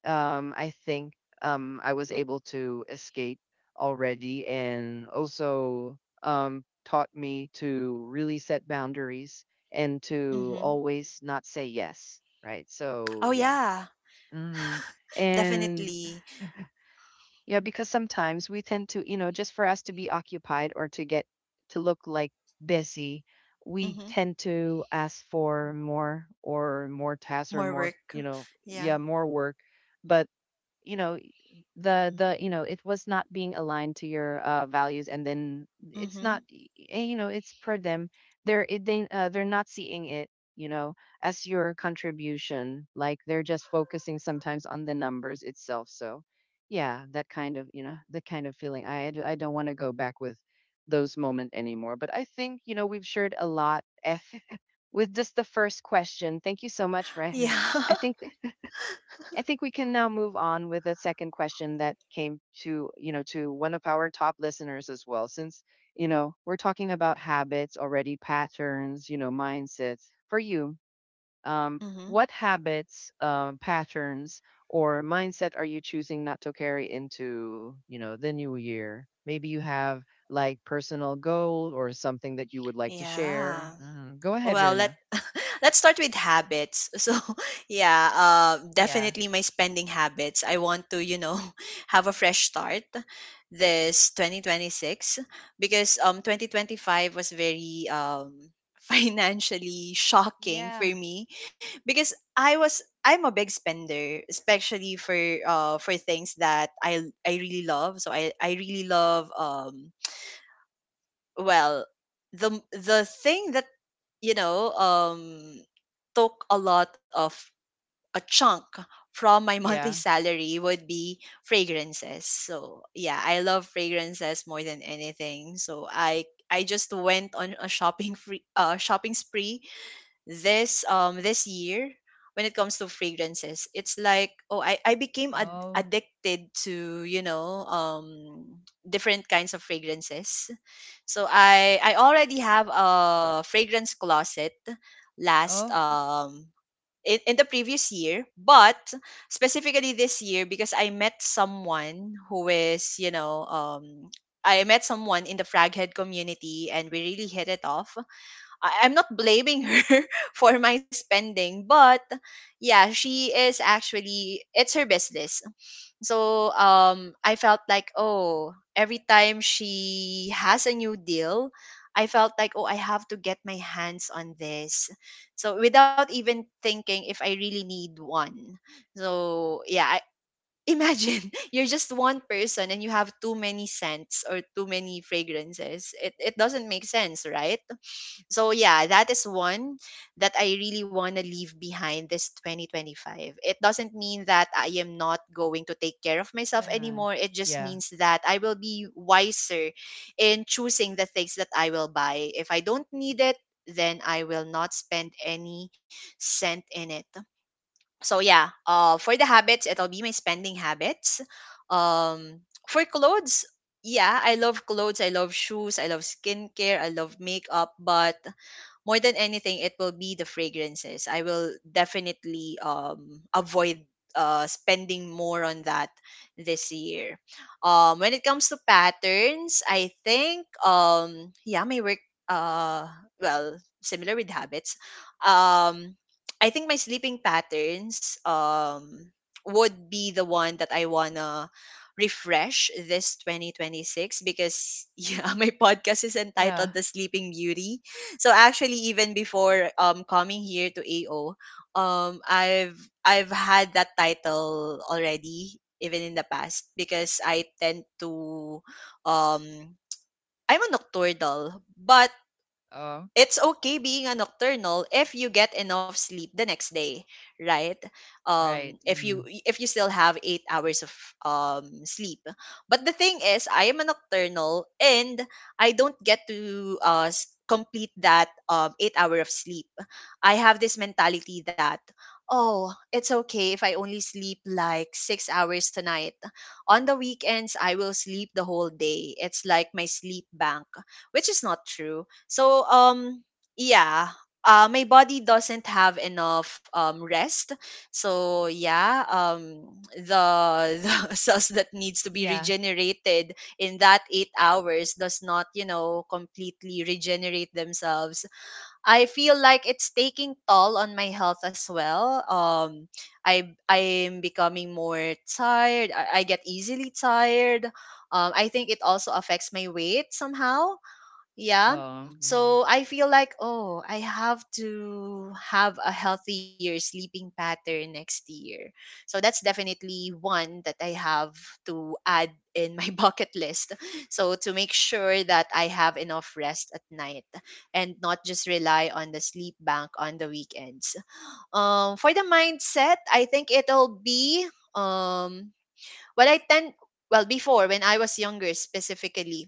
[SPEAKER 1] I think, I was able to escape already, and also taught me to really set boundaries, and to
[SPEAKER 2] Hmm.
[SPEAKER 1] always not say yes. Right.
[SPEAKER 2] Oh,
[SPEAKER 1] So, yeah.
[SPEAKER 2] yeah.
[SPEAKER 1] hmm And
[SPEAKER 2] Definitely.
[SPEAKER 1] yeah, because sometimes we tend to, you know, just for us to be occupied or to get to look like busy, we
[SPEAKER 2] Hmm.
[SPEAKER 1] tend to ask for more, or more
[SPEAKER 2] More
[SPEAKER 1] tasks, or more,
[SPEAKER 2] work.
[SPEAKER 1] you know,
[SPEAKER 2] Yeah.
[SPEAKER 1] yeah, more work. But you know, it was not being aligned to your values, and then it's not,
[SPEAKER 2] Hmm.
[SPEAKER 1] you know, it's for them, they they're not seeing it, you know, as your contribution. Like they're just focusing sometimes on the numbers itself. So yeah, that kind of, you know, the kind of feeling I don't want to go back with those moment anymore. But I think, you know, we've shared a lot, F, with just the first question. Thank you so much, Ren.
[SPEAKER 2] Yeah.
[SPEAKER 1] i think I think we can now move on with a second question that came to, you know, to one of our top listeners as well. Since, you know, we're talking about habits already, patterns, you know, mindsets. For you,
[SPEAKER 2] hmm
[SPEAKER 1] what habits, patterns, or mindset are you choosing not to carry into, the new year? Maybe you have like personal goal or something that you would like to share.
[SPEAKER 2] Yeah.
[SPEAKER 1] Go ahead,
[SPEAKER 2] Well, let,
[SPEAKER 1] Rena.
[SPEAKER 2] let's start with habits. So, yeah,
[SPEAKER 1] Yeah.
[SPEAKER 2] definitely my spending habits. I want to, you know, have a fresh start this 2026, because 2025 was very financially shocking for
[SPEAKER 1] Yeah.
[SPEAKER 2] me, because I'm a big spender, especially for things that I really love. So I really love, well the thing, you know, took a lot of, a chunk from my monthly
[SPEAKER 1] Yeah.
[SPEAKER 2] salary would be fragrances. So yeah, I love fragrances more than anything. So I just went on a shopping free shopping spree this this year when it comes to fragrances. It's like, oh, I became
[SPEAKER 1] Oh,
[SPEAKER 2] addicted to, you know, different kinds of fragrances. So I already have a fragrance closet last
[SPEAKER 1] oh.
[SPEAKER 2] in the previous year, but specifically this year, because I met someone who is, you know, I met someone in the Fraghead community and we really hit it off. I'm not blaming her for my spending, but yeah, she is, actually it's her business. So I felt like, oh, every time she has a new deal, I felt like, oh, I have to get my hands on this. So without even thinking if I really need one. So yeah, I, imagine you're just one person and you have too many scents or too many fragrances. It doesn't make sense, right? So yeah, that is one that I really want to leave behind this 2025. It doesn't mean that I am not going to take care of myself
[SPEAKER 1] Yeah.
[SPEAKER 2] anymore. It just
[SPEAKER 1] Yeah.
[SPEAKER 2] means that I will be wiser in choosing the things that I will buy. If I don't need it, then I will not spend any cent in it. So yeah, for the habits, it'll be my spending habits. For clothes, yeah, I love clothes, I love shoes, I love skincare, I love makeup, but more than anything it will be the fragrances. I will definitely avoid spending more on that this year. When it comes to patterns, I think, yeah my work uh well similar with habits. um I think my sleeping patterns would be the one that I wanna refresh this 2026, because yeah, my podcast is
[SPEAKER 1] Yeah.
[SPEAKER 2] entitled The Sleeping Beauty. So actually even before coming here to AO, I've had that title already even in the past, because I tend to, um I'm a nocturnal, but
[SPEAKER 1] Oh,
[SPEAKER 2] it's okay being a nocturnal if you get enough sleep the next day, right?
[SPEAKER 1] right.
[SPEAKER 2] If you,
[SPEAKER 1] Mm.
[SPEAKER 2] still have 8 hours of sleep. But the thing is, I am a nocturnal and I don't get to complete that 8 hour of sleep. I have this mentality that, oh, it's okay if I only sleep like 6 hours tonight. On the weekends, I will sleep the whole day. It's like my sleep bank, which is not true. So yeah, my body doesn't have enough rest. So yeah, the the cells that needs to be
[SPEAKER 1] Yeah.
[SPEAKER 2] regenerated in that 8 hours does not, you know, completely regenerate themselves. I feel like it's taking toll on my health as well. I'm becoming more tired. I get easily tired. I think it also affects my weight somehow. Yeah.
[SPEAKER 1] Oh, yeah.
[SPEAKER 2] So I feel like, oh, I have to have a healthier sleeping pattern next year. So that's definitely one that I have to add in my bucket list. So to make sure that I have enough rest at night and not just rely on the sleep bank on the weekends. For the mindset, I think it'll be um, what I tend, well, before when I was younger specifically,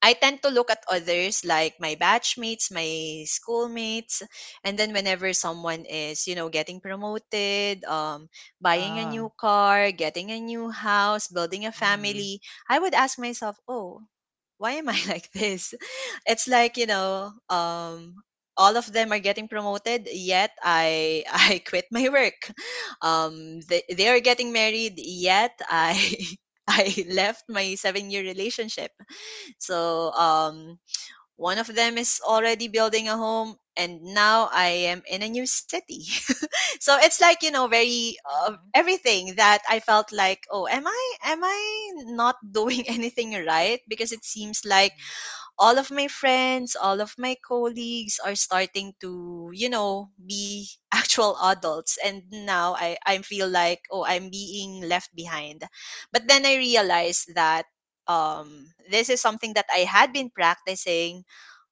[SPEAKER 2] I tend to look at others like my batchmates, my schoolmates, and then whenever someone is, you know, getting promoted, buying a
[SPEAKER 1] Oh.
[SPEAKER 2] new car, getting a new house, building a
[SPEAKER 1] Yeah.
[SPEAKER 2] family, I would ask myself, "Oh, why am I like this?" It's like, you know, all of them are getting promoted, yet I I quit my work. They are getting married, yet I I left my 7-year relationship. So, one of them is already building a home, and now I am in a new city. So it's like, you know, very
[SPEAKER 1] Yes.
[SPEAKER 2] everything that I felt like, oh, am I not doing anything right? Because it seems like
[SPEAKER 1] Hmm.
[SPEAKER 2] all of my friends, all of my colleagues are starting to, you know, be actual adults. And now I feel like, oh, I'm being left behind. But then I realized that this is something that I had been practicing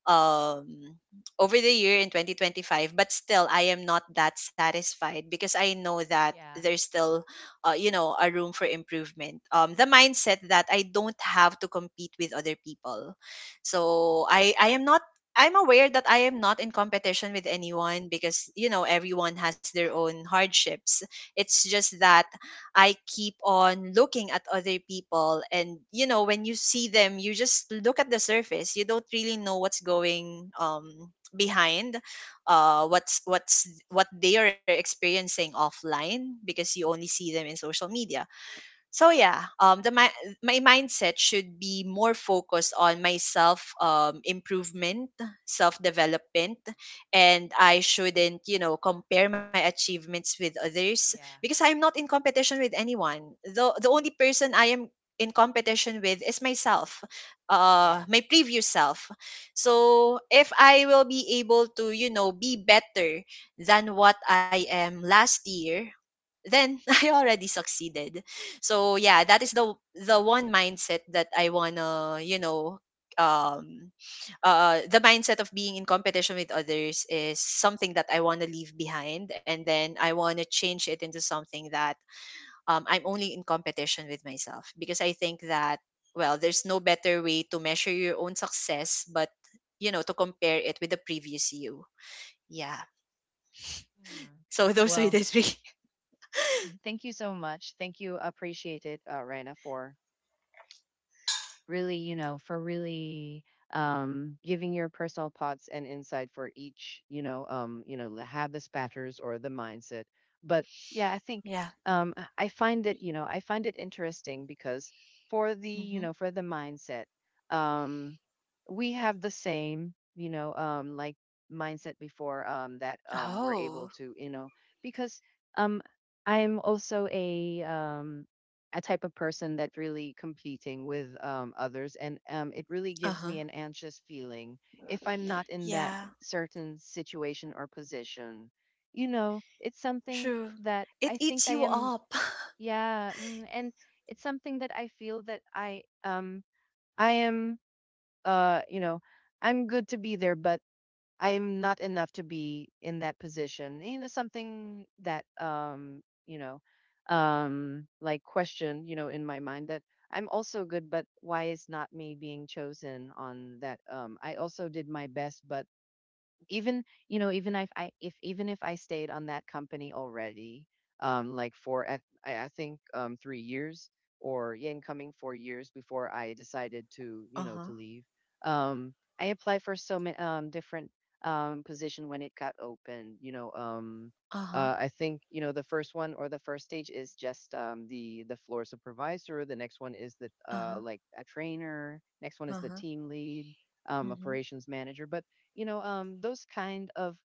[SPEAKER 2] um over the year in 2025, but still I am not that satisfied because I know that
[SPEAKER 1] Yeah.
[SPEAKER 2] there's still, you know, a room for improvement. The mindset that I don't have to compete with other people. So I'm aware that I am not in competition with anyone, because, you know, everyone has their own hardships. It's just that I keep on looking at other people. And, you know, when you see them, you just look at the surface. You don't really know what's going, behind, what they are experiencing offline, because you only see them in social media. So, yeah, the my mindset should be more focused on my self improvement, self development. And I shouldn't, you know, compare my achievements with others,
[SPEAKER 1] Yeah.
[SPEAKER 2] because I'm not in competition with anyone. The only person I am in competition with is myself.
[SPEAKER 1] Yes.
[SPEAKER 2] My previous self. So if I will be able to, you know, be better than what I am last year, then I already succeeded. So, yeah, that is the one mindset that I wanna, you know, um the mindset of being in competition with others is something that I wanna leave behind. And then I wanna change it into something that I'm only in competition with myself, because I think that, well, there's no better way to measure your own success but, you know, to compare it with the previous you. Yeah.
[SPEAKER 1] Mm.
[SPEAKER 2] So those are the
[SPEAKER 1] Well,
[SPEAKER 2] three.
[SPEAKER 1] thank you so much. Thank you. Appreciate it, Raina, for really, giving your personal thoughts and insight for each, the habits patterns or the mindset. But yeah, I think
[SPEAKER 2] Yeah.
[SPEAKER 1] I find it interesting because for the, you
[SPEAKER 2] Hmm.
[SPEAKER 1] know, for the mindset, um we have the same, like mindset before that we're able
[SPEAKER 2] Oh.
[SPEAKER 1] to, because um I'm also a type of person that really competing with others, and it really
[SPEAKER 2] Uh
[SPEAKER 1] gives
[SPEAKER 2] huh.
[SPEAKER 1] me an anxious feeling if I'm not in that
[SPEAKER 2] Yeah,
[SPEAKER 1] certain situation or position. You know, it's something
[SPEAKER 2] true.
[SPEAKER 1] that
[SPEAKER 2] It
[SPEAKER 1] I
[SPEAKER 2] eats
[SPEAKER 1] think I
[SPEAKER 2] you
[SPEAKER 1] am.
[SPEAKER 2] up.
[SPEAKER 1] Yeah. And it's something that I feel that I am. uh you know I'm good to be there, but I'm not enough to be in that position. You know, something that, like question, in my mind that I'm also good, but why is not me being chosen on that? I also did my best, but even you know even if I if even if I stayed on that company already, like for at, I think 3 years, or yeah, incoming 4 years before I decided to,
[SPEAKER 2] Uh-huh.
[SPEAKER 1] to leave. um I applied for so many different position when it got open,
[SPEAKER 2] Uh-huh.
[SPEAKER 1] I think the first one or the first stage is just, the floor supervisor. The next one is the
[SPEAKER 2] Uh-huh.
[SPEAKER 1] like a trainer. Next one is the
[SPEAKER 2] Uh-huh.
[SPEAKER 1] team lead,
[SPEAKER 2] Mm-hmm.
[SPEAKER 1] operations manager. But those kind of,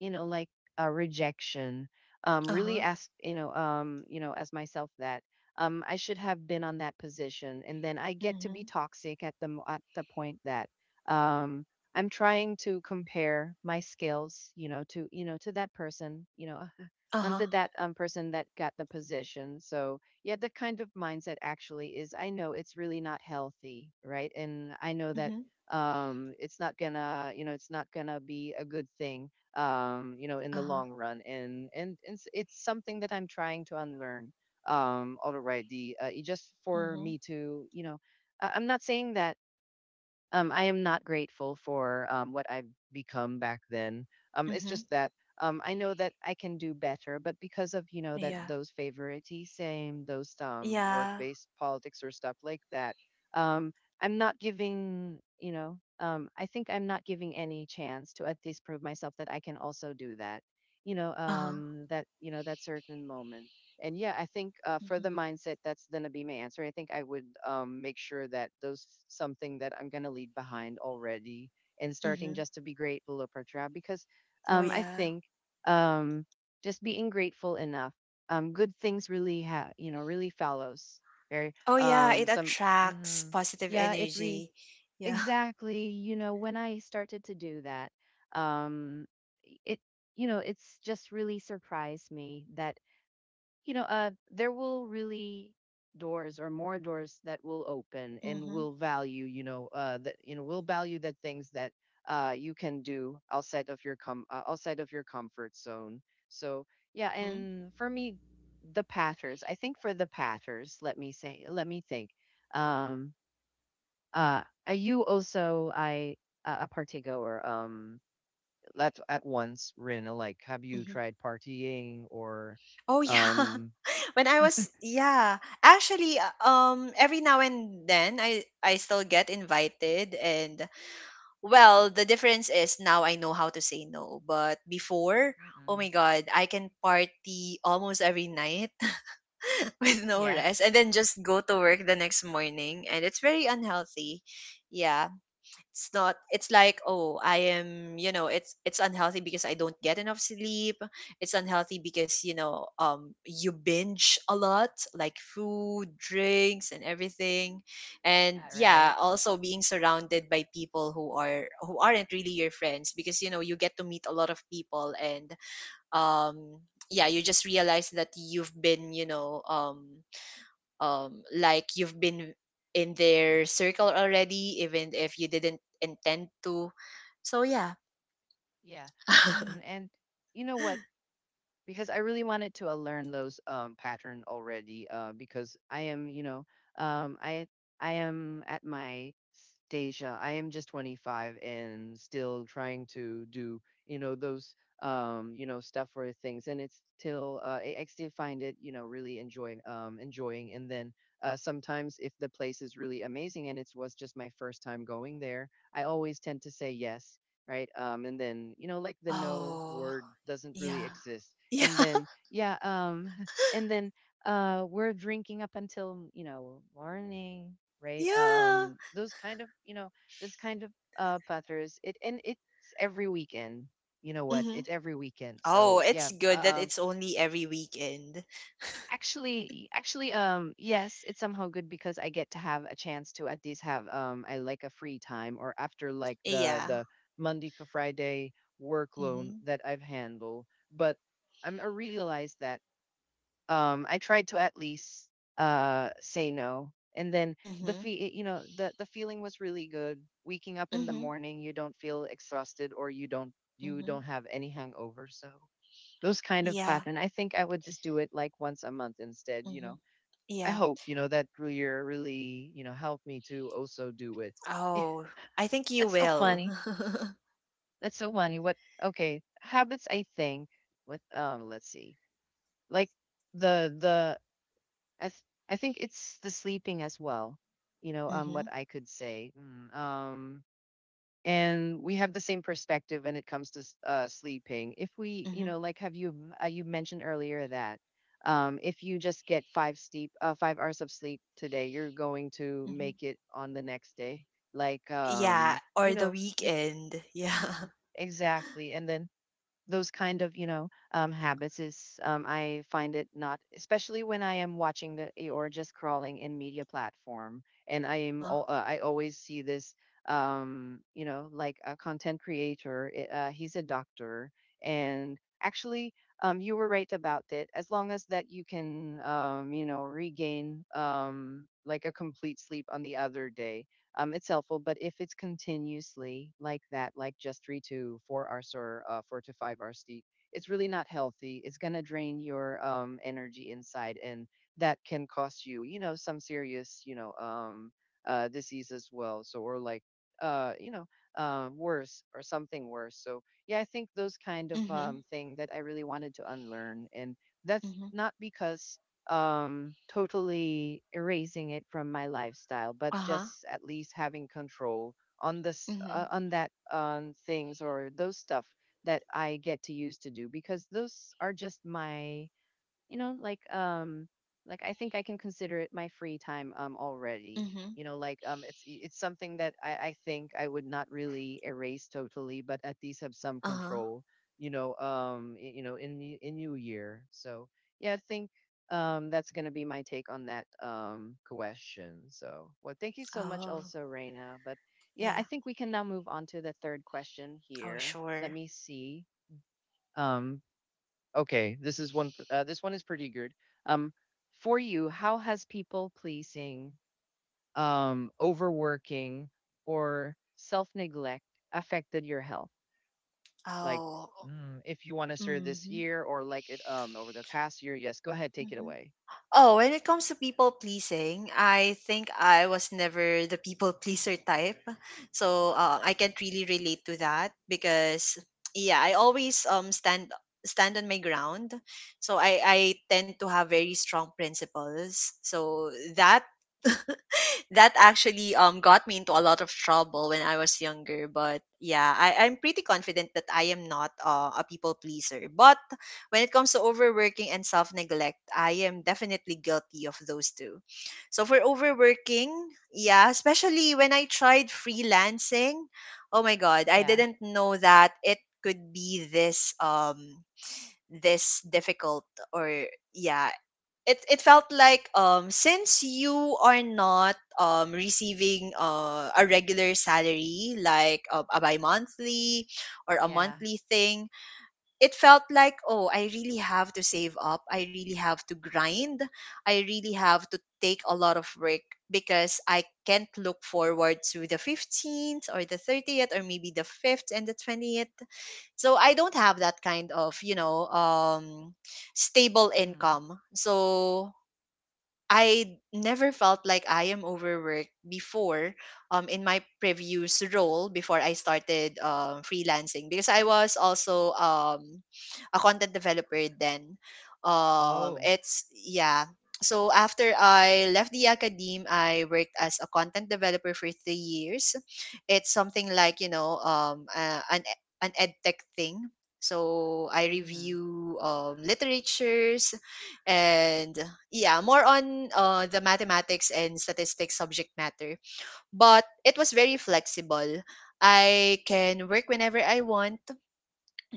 [SPEAKER 1] like, rejection really
[SPEAKER 2] Uh-huh.
[SPEAKER 1] ask, as myself that I should have been on that position, and then I get to
[SPEAKER 2] Mm-hmm.
[SPEAKER 1] be toxic at the mo- at the point that um I'm trying to compare my skills, to that person, you know,
[SPEAKER 2] Uh-huh.
[SPEAKER 1] under that person that got the position. So yeah, the kind of mindset actually is, I know it's really not healthy, right? And I know that
[SPEAKER 2] Mm-hmm.
[SPEAKER 1] it's not gonna be a good thing, you know, in the
[SPEAKER 2] Uh-huh.
[SPEAKER 1] long run. And it's something that I'm trying to unlearn already. It just for
[SPEAKER 2] Mm-hmm.
[SPEAKER 1] me to, you know, I- I'm not saying that, I am not grateful for, what I've become back then. It's
[SPEAKER 2] Mm-hmm.
[SPEAKER 1] just that, I know that I can do better, but because of, that
[SPEAKER 2] Yeah.
[SPEAKER 1] those favoritism, those,
[SPEAKER 2] Yeah.
[SPEAKER 1] work-based politics or stuff like that, um, I'm not giving. I think I'm not giving any chance to at least prove myself that I can also do that. You know,
[SPEAKER 2] Uh-huh.
[SPEAKER 1] um, that you know that certain moment. And yeah, I think, for the
[SPEAKER 2] Mm-hmm.
[SPEAKER 1] mindset, that's gonna be my answer. I think I would, make sure that those something that I'm gonna leave behind already, and starting
[SPEAKER 2] Mm-hmm.
[SPEAKER 1] just to be grateful of our job, because
[SPEAKER 2] Oh,
[SPEAKER 1] I
[SPEAKER 2] yeah.
[SPEAKER 1] think, um, just being grateful enough, good things really ha you know really follows. Very,
[SPEAKER 2] Oh, yeah. It
[SPEAKER 1] some.
[SPEAKER 2] attracts
[SPEAKER 1] Mhm.
[SPEAKER 2] positive
[SPEAKER 1] Yeah, it re—
[SPEAKER 2] energy. Yeah.
[SPEAKER 1] exactly. You know, when I started to do that, um, it, it's just really surprised me that, there will really doors or more doors that will open and
[SPEAKER 2] Mm-hmm.
[SPEAKER 1] will value, you know, that you know will value the things that you can do outside of your comfort zone. So yeah,
[SPEAKER 2] Mm-hmm.
[SPEAKER 1] and for me, the pathers. I think for the pathers, let me think. Um, uh, are you also I a party goer? Let at once, Rina. Like, have you
[SPEAKER 2] Mm-hmm.
[SPEAKER 1] tried partying or
[SPEAKER 2] Oh, yeah.
[SPEAKER 1] um?
[SPEAKER 2] When I was yeah, actually every now and then I still get invited. And, well, the difference is now I know how to say no. But before, oh my
[SPEAKER 1] Mm-mm.
[SPEAKER 2] God, I can party almost every night with no
[SPEAKER 1] Yeah.
[SPEAKER 2] rest and then just go to work the next morning. And it's very unhealthy. Yeah, it's not, it's like, oh, I am, you know, it's unhealthy because I don't get enough sleep. It's unhealthy because, you know, you binge a lot, like food, drinks, and everything. And,
[SPEAKER 1] Yeah,
[SPEAKER 2] yeah,
[SPEAKER 1] right.
[SPEAKER 2] also being surrounded by people who are, who aren't really your friends, because, you know, you get to meet a lot of people. And um yeah, you just realize that you've been, you know, like you've been in their circle already, even if you didn't intend to. So, yeah.
[SPEAKER 1] Yeah. Mm, and you know what? Because I really wanted to, learn those, pattern already, because I am, um, I I am at my stage. I am just 25 and still trying to do, those, stuff for things. And it's still, I still find it, really enjoying. And then, sometimes if the place is really amazing and it was just my first time going there, I always tend to say yes, right? And then, like, the no
[SPEAKER 2] Oh,
[SPEAKER 1] word doesn't really
[SPEAKER 2] yeah.
[SPEAKER 1] exist.
[SPEAKER 2] Yeah.
[SPEAKER 1] And then, yeah, and then, we're drinking up until, morning, right?
[SPEAKER 2] Yeah.
[SPEAKER 1] Those kind of, this kind of, patters it. And it's every weekend. You know what,
[SPEAKER 2] Hmm.
[SPEAKER 1] it's every weekend.
[SPEAKER 2] Oh,
[SPEAKER 1] So yeah,
[SPEAKER 2] it's good that it's only every weekend.
[SPEAKER 1] actually, yes, it's somehow good because I get to have a chance to at least have, I like a free time, or after like the
[SPEAKER 2] Yeah.
[SPEAKER 1] the Monday to Friday work loan
[SPEAKER 2] Mm-hmm.
[SPEAKER 1] that I've handled. But I realize that, I tried to at least, say no, and then the
[SPEAKER 2] Mm-hmm.
[SPEAKER 1] fee you know the feeling was really good, waking up in the
[SPEAKER 2] Mm-hmm.
[SPEAKER 1] morning. You don't feel exhausted, or you don't
[SPEAKER 2] Mm-hmm.
[SPEAKER 1] have any hangover. So those kind of
[SPEAKER 2] Yeah.
[SPEAKER 1] pattern, I think I would just do it like once a month instead,
[SPEAKER 2] Mm-hmm.
[SPEAKER 1] I
[SPEAKER 2] Yeah.
[SPEAKER 1] hope, that career, really, helped me to also do it. Yeah,
[SPEAKER 2] Oh, I think you
[SPEAKER 1] that's so
[SPEAKER 2] will.
[SPEAKER 1] funny. That's so funny. What? Okay, habits. I think with, let's see, like the the I, th- I think it's the sleeping as well. You know,
[SPEAKER 2] Mm-hmm.
[SPEAKER 1] what I could say. And we have the same perspective when it comes to sleeping. If we,
[SPEAKER 2] Mm-hmm.
[SPEAKER 1] like, have you, you mentioned earlier that, if you just get 5 hours of sleep today, you're going to
[SPEAKER 2] Mm-hmm.
[SPEAKER 1] make it on the next day. Like,
[SPEAKER 2] Yeah, or the
[SPEAKER 1] you,
[SPEAKER 2] weekend. Yeah.
[SPEAKER 1] Mhm. Exactly. And then those kind of, habits is, I find it not, especially when I am watching the, or just crawling in media platform, and i am
[SPEAKER 2] Uh-huh.
[SPEAKER 1] al- uh, i always see this, you know, like a content creator, he's a doctor. And actually, you were right about it: as long as that you can, you know, regain, like a complete sleep on the other day, it's helpful. But if it's continuously like that, like just 3 to 4 hours, or 4 to 5 hours, deep, it's really not healthy. It's gonna drain your, energy inside, and that can cost you, you know, some serious, disease as well. So, or like, uh, you know, worse, or something worse. So yeah, I think those kind of,
[SPEAKER 2] Mm-hmm.
[SPEAKER 1] thing that I really wanted to unlearn, and that's
[SPEAKER 2] Mm-hmm.
[SPEAKER 1] not because, totally erasing it from my lifestyle, but
[SPEAKER 2] Uh-huh.
[SPEAKER 1] just at least having control on this uh,
[SPEAKER 2] Mhm.
[SPEAKER 1] on that, things or those stuff that I get to use to do, because those are just my, you know like um like, I think I can consider it my free time, already.
[SPEAKER 2] Mhm.
[SPEAKER 1] You know, like, it's something that I think I would not really erase totally, but at least have some
[SPEAKER 2] Uh-huh.
[SPEAKER 1] control, you know y- you know in the in new year. So yeah, I think, that's going to be my take on that, question. So, well, thank you so much
[SPEAKER 2] Oh,
[SPEAKER 1] also, Reina. But yeah, I
[SPEAKER 2] yeah.
[SPEAKER 1] think we can now move on to the third question
[SPEAKER 2] Oh,
[SPEAKER 1] here. Let
[SPEAKER 2] sure.
[SPEAKER 1] me see. um Okay, this is one. This one is pretty good. Um, for you, how has people pleasing, overworking, or self neglect affected your health? Like,
[SPEAKER 2] Oh.
[SPEAKER 1] if you want to share this
[SPEAKER 2] Mhm.
[SPEAKER 1] year, or like it, over the past year, yes, go ahead, take it
[SPEAKER 2] Mhm.
[SPEAKER 1] away.
[SPEAKER 2] Oh, when it comes to people pleasing, I think I was never the people pleaser type. So, I can't really relate to that, because, yeah, I always stand on my ground. So I tend to have very strong principles. So that that actually got me into a lot of trouble when I was younger. But, yeah, I'm pretty confident that I am not, a people pleaser. But when it comes to overworking and self neglect, I am definitely guilty of those two. So, for overworking, yeah, especially when I tried freelancing. Oh my god, I
[SPEAKER 1] Yeah,
[SPEAKER 2] didn't know that it could be this this difficult. Or, yeah, it felt like, since you are not receiving, a regular salary, like, a bi-monthly or a
[SPEAKER 1] yeah.
[SPEAKER 2] monthly thing. It felt like, oh, I really have to save up, I really have to grind, I really have to take a lot of work, because I can't look forward to the 15th or the 30th, or maybe the 5th and the 20th. So I don't have that kind of, you know, stable
[SPEAKER 1] Mm.
[SPEAKER 2] income. So I never felt like I am overworked before, in my previous role before I started freelancing, because I was also a content developer then.
[SPEAKER 1] Oh.
[SPEAKER 2] Yeah. So after I left the academe, I worked as a content developer for 3 years. It's something like, you know, an edtech thing. So I
[SPEAKER 1] Mm-hmm.
[SPEAKER 2] review, literatures. And, yeah, more on, the mathematics and statistics subject matter. But it was very flexible, I can work whenever I want.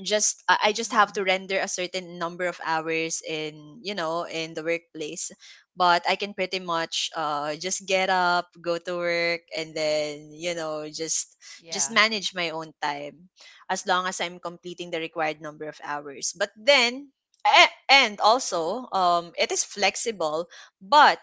[SPEAKER 2] Just, I just have
[SPEAKER 1] Mm-hmm.
[SPEAKER 2] to render a certain number of hours in, you know, in the workplace. But I can pretty much, just get up, go to work, and then, you know, just
[SPEAKER 1] Yeah,
[SPEAKER 2] manage my own time, as long as I'm completing the required number of hours. But then, and also, it is flexible, but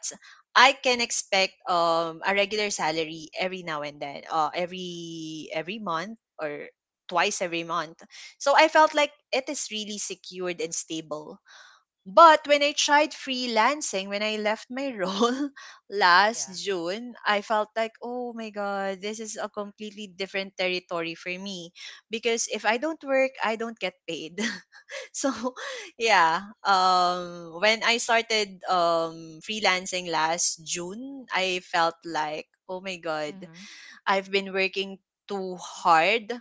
[SPEAKER 2] I can expect, a regular salary every now and then, every month or twice every month. So I felt like it is really secured and stable. But when I tried freelancing, when I left my role last
[SPEAKER 1] yeah.
[SPEAKER 2] June, I felt like, oh my God, this is a completely different territory for me. Because if I don't work, I don't get paid. So, yeah, when I started, freelancing last June, I felt like, oh my God,
[SPEAKER 1] Mm-hmm.
[SPEAKER 2] I've been working too hard,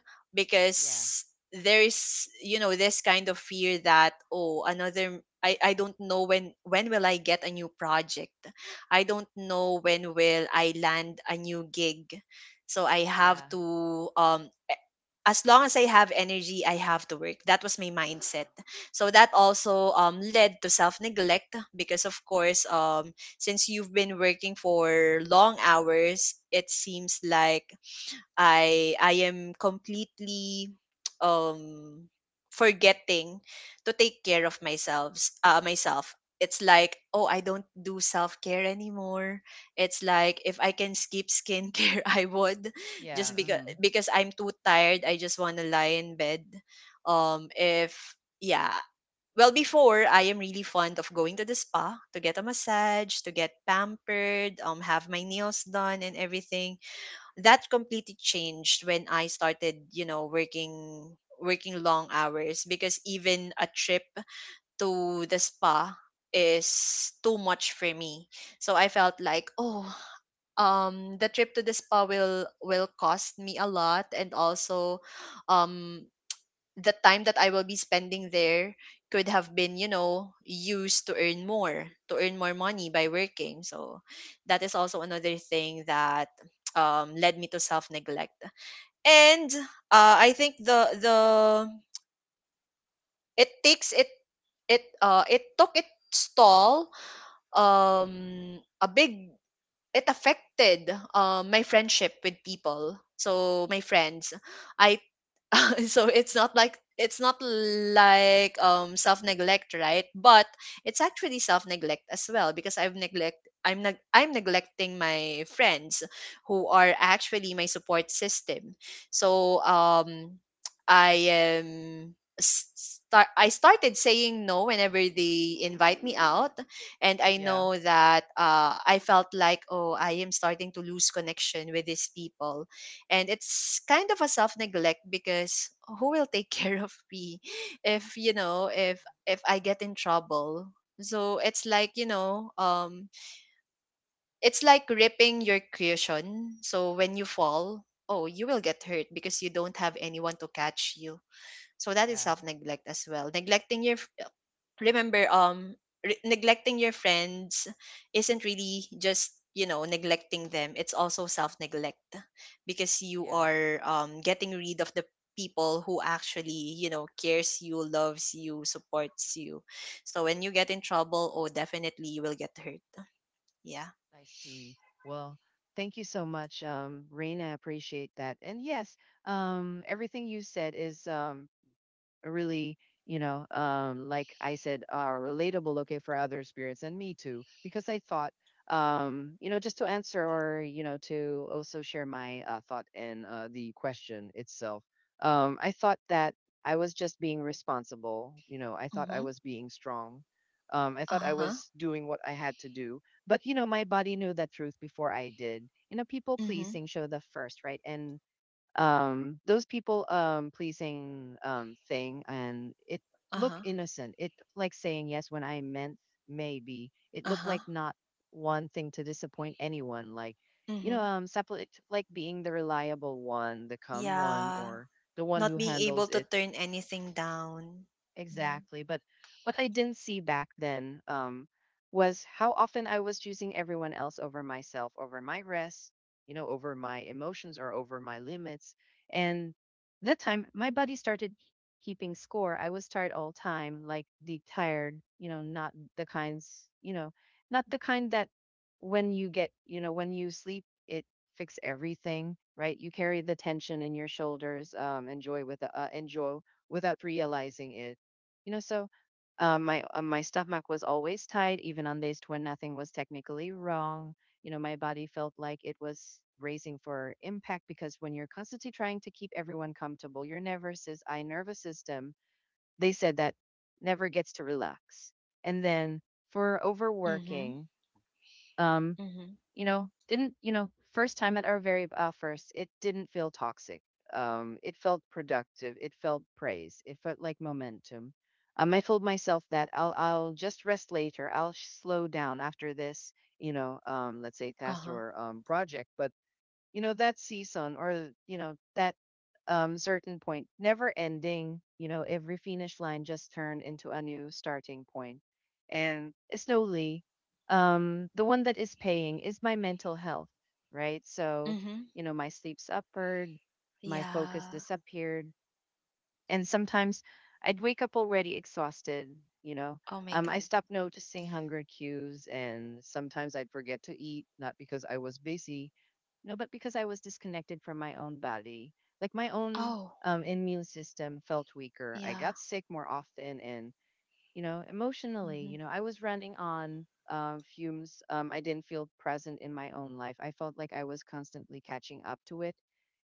[SPEAKER 1] Yeah,
[SPEAKER 2] because there is, you know, this kind of fear that, oh, another I don't know when will I get a new project. I don't know when will I land a new gig. So I have
[SPEAKER 1] yeah,
[SPEAKER 2] to, as long as I have energy, I have to work. That was my mindset. So that also, led to self neglect because, of course, since you've been working for long hours, it seems like I am completely um forgetting to take care of myself. It's like, oh, I don't do self-care anymore. It's like, if I can skip skincare I would,
[SPEAKER 1] yeah.
[SPEAKER 2] just because
[SPEAKER 1] Mm.
[SPEAKER 2] because I'm too tired, I just want to lie in bed. If yeah well before I am really fond of going to the spa to get a massage, to get pampered, have my nails done and everything. That completely changed when I started, you know, working long hours, because even a trip to the spa is too much for me. So I felt like, oh, the trip to the spa will cost me a lot. And also, um the time that I will be spending there could have been, you know, used to earn more money by working. So that is also another thing that led me to self neglect. And, I think the it takes it it it took its toll. A big It affected, my friendship with people. So my friends, I. So it's not like self
[SPEAKER 1] Mm-hmm.
[SPEAKER 2] neglect, right? But it's actually self neglect as well, because I'm neglecting my friends, who are actually my support system. So, i am s- I started saying no whenever they invite me out. And I
[SPEAKER 1] Yeah,
[SPEAKER 2] know that, I felt like, oh, I am starting to lose connection with these people. And it's kind of a self neglect, because who will take care of me if, you know, if I get in trouble? So it's like, you know, it's like ripping your cushion. So when you fall, oh, you will get hurt because you don't have anyone to catch you. So that is
[SPEAKER 1] yeah,
[SPEAKER 2] self neglect as well. Neglecting your Remember, neglecting your friends isn't really just, you know, neglecting them. It's also self-neglect because you
[SPEAKER 1] yeah.
[SPEAKER 2] are, getting rid of the people who actually, you know, cares you, loves you, supports you. So when you get in trouble, oh, definitely you will get hurt. Yeah.
[SPEAKER 1] I see. Well, thank you so much, Rain. I appreciate that. And yes, everything you said is really like I said, are relatable okay for other experience and me too because I thought just to answer or to also share my thought in the question itself. I thought that I was just being responsible. You know, I thought I
[SPEAKER 2] Mm-hmm.
[SPEAKER 1] was being strong. I thought I
[SPEAKER 2] Uh-huh.
[SPEAKER 1] was doing what I had to do, but you know, my body knew that truth before I did. You know, people
[SPEAKER 2] Mm-hmm.
[SPEAKER 1] pleasing show the first right. And those people pleasing thing, and it look
[SPEAKER 2] Uh-huh.
[SPEAKER 1] innocent. It like saying yes when I meant maybe. It
[SPEAKER 2] Uh-huh.
[SPEAKER 1] looked like not wanting to disappoint anyone, like you
[SPEAKER 2] Mm-hmm.
[SPEAKER 1] know, separate, like being the reliable one, the calm one,
[SPEAKER 2] Yeah,
[SPEAKER 1] or the one
[SPEAKER 2] not
[SPEAKER 1] who
[SPEAKER 2] being able
[SPEAKER 1] handles
[SPEAKER 2] to
[SPEAKER 1] it.
[SPEAKER 2] turn anything down. Yeah.
[SPEAKER 1] Exactly. But what I didn't see back then was how often I was choosing everyone else over myself, over my rest, you know, over my emotions or over my limits. And that time, my body started keeping score. I was tired all time, like deep tired, you know, not the kinds, you know, not the kind that when you get, you know, when you sleep, it fix everything, right? You carry the tension in your shoulders, enjoy without realizing it, you know. So my my stomach was always tight, even on days when nothing was technically wrong. You know, my body felt like it was bracing for impact, because when you're constantly trying to keep everyone comfortable, your nervous system, they said that, never gets to relax. And then for
[SPEAKER 2] Mm-hmm.
[SPEAKER 1] overworking, um,
[SPEAKER 2] Mm-hmm.
[SPEAKER 1] didn't, first time at our very first, it didn't feel toxic. It felt productive, it felt praise, it felt like momentum. I told myself that I'll just rest later, I'll slow down after this, you know, let's say task
[SPEAKER 2] Uh-huh.
[SPEAKER 1] or project. But you know, that season, or you know, that certain point, never ending. You know, every finish line just turned into a new starting point. And slowly, the one that is paying is my mental health, right? So
[SPEAKER 2] Mm-hmm.
[SPEAKER 1] you know, my sleep's upward, my focus
[SPEAKER 2] Yeah.
[SPEAKER 1] disappeared, and sometimes I'd wake up already exhausted, you know.
[SPEAKER 2] Oh my god.
[SPEAKER 1] I stopped noticing hunger cues, and sometimes I'd forget to eat, not because I was busy, no, but because I was disconnected from my own body. Like my own
[SPEAKER 2] Oh,
[SPEAKER 1] immune system felt weaker. I
[SPEAKER 2] yeah.
[SPEAKER 1] got sick more often, and you know, emotionally,
[SPEAKER 2] Mm-hmm.
[SPEAKER 1] you know, I was running on fumes. I didn't feel present in my own life. I felt like I was constantly catching up to it.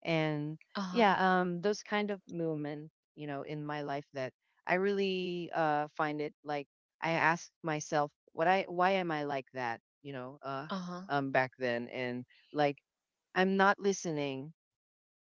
[SPEAKER 1] And
[SPEAKER 2] Uh-huh.
[SPEAKER 1] yeah, those kind of movement, you know, in my life, that I really find it like, I ask myself what I why am I like that, you know.
[SPEAKER 2] Uh-huh.
[SPEAKER 1] Back then, and like, I'm not listening,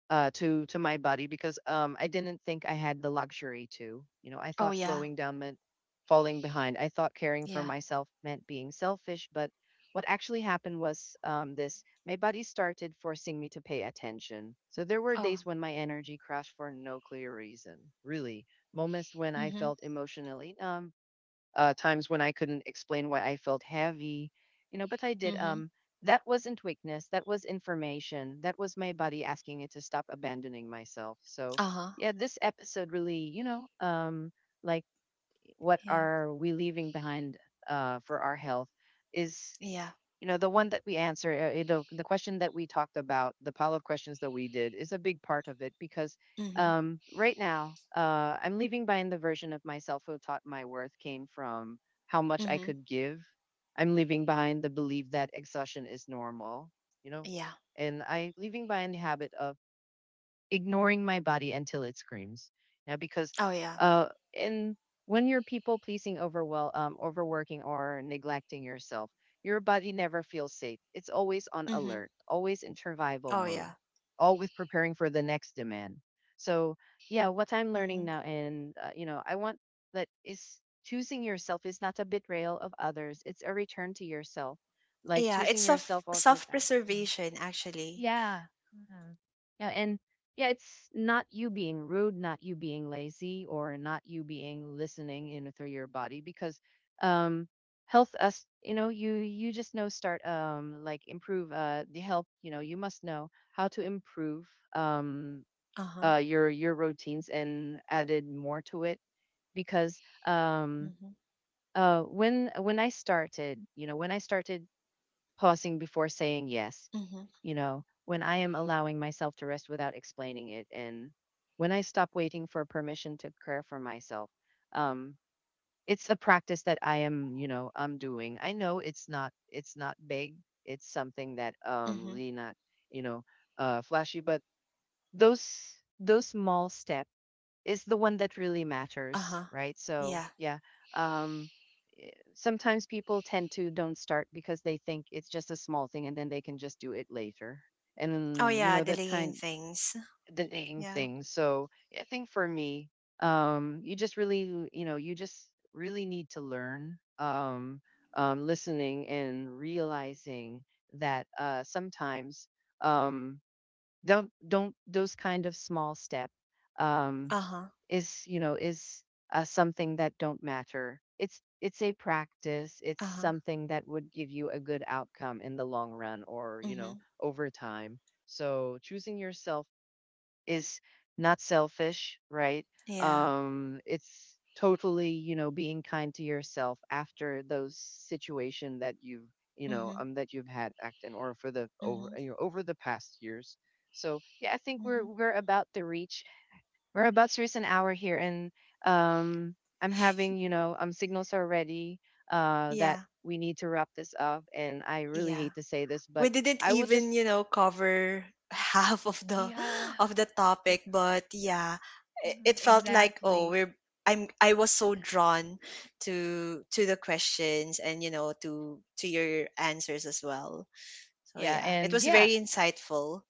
[SPEAKER 1] to my body, because I didn't think I had the luxury to. You know, I
[SPEAKER 2] Oh,
[SPEAKER 1] thought
[SPEAKER 2] yeah.
[SPEAKER 1] slowing down meant falling behind. I thought caring for
[SPEAKER 2] Yeah.
[SPEAKER 1] myself meant being selfish. But what actually happened was, this: my body started forcing me to pay attention. So there were
[SPEAKER 2] Oh.
[SPEAKER 1] days when my energy crashed for no clear reason, really. Moments when I
[SPEAKER 2] Mm-hmm.
[SPEAKER 1] felt emotionally numb, times when I couldn't explain why I felt heavy, you know, but I did.
[SPEAKER 2] Mm-hmm.
[SPEAKER 1] That wasn't weakness. That was information. That was my body asking it to stop abandoning myself. So
[SPEAKER 2] Uh-huh.
[SPEAKER 1] yeah, this episode really, you know, like, what
[SPEAKER 2] Yeah.
[SPEAKER 1] are we leaving behind for our health is
[SPEAKER 2] Yeah.
[SPEAKER 1] you know, the one that we answer, you know, the question that we talked about, the pile of questions that we did, is a big part of it. Because
[SPEAKER 2] Mm-hmm.
[SPEAKER 1] right now I'm leaving behind the version of myself who taught my worth came from how much I
[SPEAKER 2] Mm-hmm.
[SPEAKER 1] could give. I'm leaving behind the belief that exhaustion is normal, you know,
[SPEAKER 2] Yeah.
[SPEAKER 1] and I leaving behind the habit of ignoring my body until it screams. Yeah, because
[SPEAKER 2] Oh, yeah.
[SPEAKER 1] uh, in when you're people pleasing, over well, overworking or neglecting yourself, your body never feels safe. It's always on
[SPEAKER 2] Mm-hmm.
[SPEAKER 1] alert, always in survival
[SPEAKER 2] Oh,
[SPEAKER 1] mode,
[SPEAKER 2] yeah.
[SPEAKER 1] always preparing for the next demand. So yeah, what I'm learning
[SPEAKER 2] Mm-hmm.
[SPEAKER 1] now, and you know, I want, that is, choosing yourself is not a betrayal of others. It's a return to yourself, like
[SPEAKER 2] Yeah. It's
[SPEAKER 1] choosing
[SPEAKER 2] self
[SPEAKER 1] yourself over
[SPEAKER 2] self
[SPEAKER 1] them.
[SPEAKER 2] preservation actually.
[SPEAKER 1] Yeah. Mhm. Yeah. And yeah, it's not you being rude, not you being lazy, or not you being listening in through your body. Because um, health, us, you know, you just know start like improve the health. You know, you must know how to improve um
[SPEAKER 2] Uh-huh.
[SPEAKER 1] your routines and added more to it. Because um
[SPEAKER 2] Mm-hmm.
[SPEAKER 1] when I started, you know, when I started pausing before saying yes.
[SPEAKER 2] Mm-hmm.
[SPEAKER 1] You know, when I am allowing myself to rest without explaining it, and when I stop waiting for permission to care for myself, um, it's a practice that I am, you know, I'm doing. I know it's not big. It's something that
[SPEAKER 2] Mm-hmm.
[SPEAKER 1] really not, you know, flashy. But those those small step is the one that really matters,
[SPEAKER 2] Uh-huh.
[SPEAKER 1] right? So
[SPEAKER 2] Yeah.
[SPEAKER 1] yeah, um, sometimes people tend to don't start because they think it's just a small thing, and then they can just do it later.
[SPEAKER 2] Oh,
[SPEAKER 1] And you
[SPEAKER 2] yeah,
[SPEAKER 1] know, that
[SPEAKER 2] delaying
[SPEAKER 1] kind,
[SPEAKER 2] things.
[SPEAKER 1] the name
[SPEAKER 2] Yeah.
[SPEAKER 1] thing. So I think for me, you just really, you know, you just really need to learn listening and realizing that sometimes um don't those kind of small step um
[SPEAKER 2] Uh-huh.
[SPEAKER 1] is you know is something that don't matter. It's a practice. It's
[SPEAKER 2] Uh-huh.
[SPEAKER 1] something that would give you a good outcome in the long run, or you
[SPEAKER 2] Mm-hmm.
[SPEAKER 1] know, over time. So choosing yourself is not selfish, right?
[SPEAKER 2] Yeah.
[SPEAKER 1] It's totally, you know, being kind to yourself after those situation that you've, you know,
[SPEAKER 2] Mm-hmm.
[SPEAKER 1] that you've had acting or for the over,
[SPEAKER 2] Mm-hmm.
[SPEAKER 1] you know, over the past years. So yeah, I think we're
[SPEAKER 2] Mm-hmm.
[SPEAKER 1] we're about to reach, we're about to reach an hour here. And um, I'm having, you know, signals already that
[SPEAKER 2] Yeah.
[SPEAKER 1] we need to wrap this up. And I really
[SPEAKER 2] Yeah.
[SPEAKER 1] hate to say this,
[SPEAKER 2] We
[SPEAKER 1] but
[SPEAKER 2] didn't
[SPEAKER 1] I will
[SPEAKER 2] even,
[SPEAKER 1] just,
[SPEAKER 2] cover half of the of the topic. But, yeah, it felt like, oh,
[SPEAKER 1] Exactly.
[SPEAKER 2] we're I'm I was so drawn to the questions, and, you know, to your answers as well. So,
[SPEAKER 1] Yeah,
[SPEAKER 2] yeah, it
[SPEAKER 1] and
[SPEAKER 2] was
[SPEAKER 1] yeah.
[SPEAKER 2] very insightful.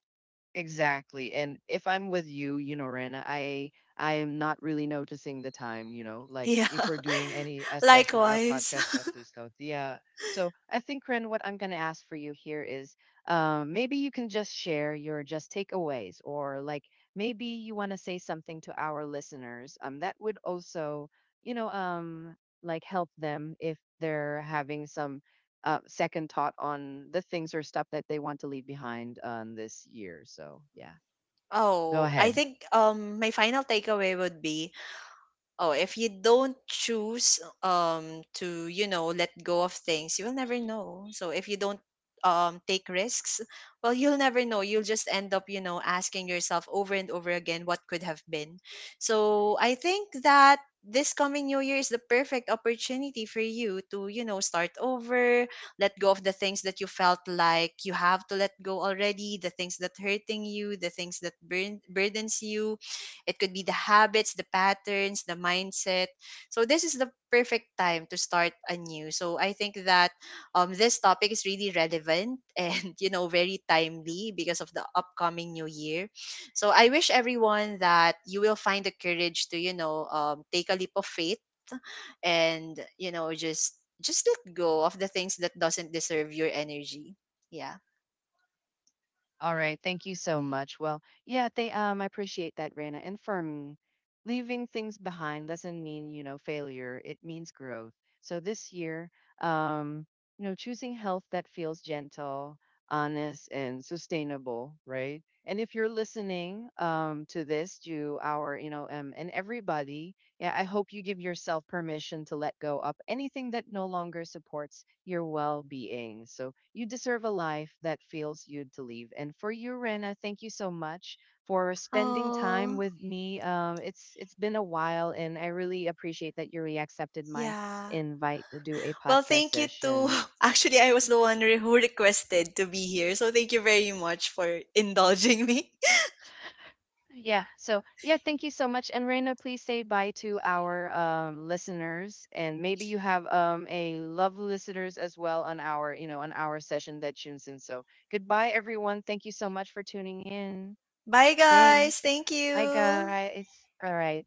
[SPEAKER 1] Exactly. And if I'm with you, you know, Rana, I am not really noticing the time, you know, like
[SPEAKER 2] Yeah,
[SPEAKER 1] if we're doing any a session or a
[SPEAKER 2] likewise.
[SPEAKER 1] podcast, please go. Yeah. So I think, Ren, what I'm going to ask for you here is maybe you can just share your just takeaways, or like, maybe you want to say something to our listeners that would also, you know, like help them if they're having some second thought on the things or stuff that they want to leave behind on this year. So yeah, go
[SPEAKER 2] Oh, I
[SPEAKER 1] ahead.
[SPEAKER 2] think, my final takeaway would be, oh, if you don't choose, to, you know, let go of things, you will never know. So if you don't, take risks, well, you'll never know. You'll just end up, you know, asking yourself over and over again what could have been. So I think that this coming new year is the perfect opportunity for you to, you know, start over, let go of the things that you felt like you have to let go already, the things that hurting you, the things that burn burdens you. It could be the habits, the patterns, the mindset. So this is the perfect time to start anew. So I think that, this topic is really relevant and you know, very timely because of the upcoming new year. So I wish everyone that you will find the courage to, you know, take a leap of faith, and, you know, just let go of the things that doesn't deserve your energy. Yeah.
[SPEAKER 1] All right, thank you so much. Well, yeah, they I appreciate that, Rana. And for me, leaving things behind doesn't mean you know failure. It means growth. So this year, um, you know, choosing health that feels gentle, honest, and sustainable, right? And if you're listening to this, to our, you know, and everybody, yeah, I hope you give yourself permission to let go of anything that no longer supports your well being. So you deserve a life that feels you to live. And for you, Rena, thank you so much for spending time
[SPEAKER 2] Oh,
[SPEAKER 1] with me. It's been a while, and I really appreciate that you accepted my
[SPEAKER 2] yeah.
[SPEAKER 1] invite to do a
[SPEAKER 2] Well,
[SPEAKER 1] podcast
[SPEAKER 2] thank you too.
[SPEAKER 1] session.
[SPEAKER 2] Actually, I was the one who requested to be here. So thank you very much for indulging me.
[SPEAKER 1] Yeah. So, yeah, thank you so much. And Raina, please say bye to our listeners, and maybe you have a love listeners as well on our, you know, on our session that tunes in. So, goodbye, everyone. Thank you so much for tuning in.
[SPEAKER 2] Bye, guys.
[SPEAKER 1] Thanks.
[SPEAKER 2] Thank
[SPEAKER 1] Bye,
[SPEAKER 2] you.
[SPEAKER 1] guys. All right.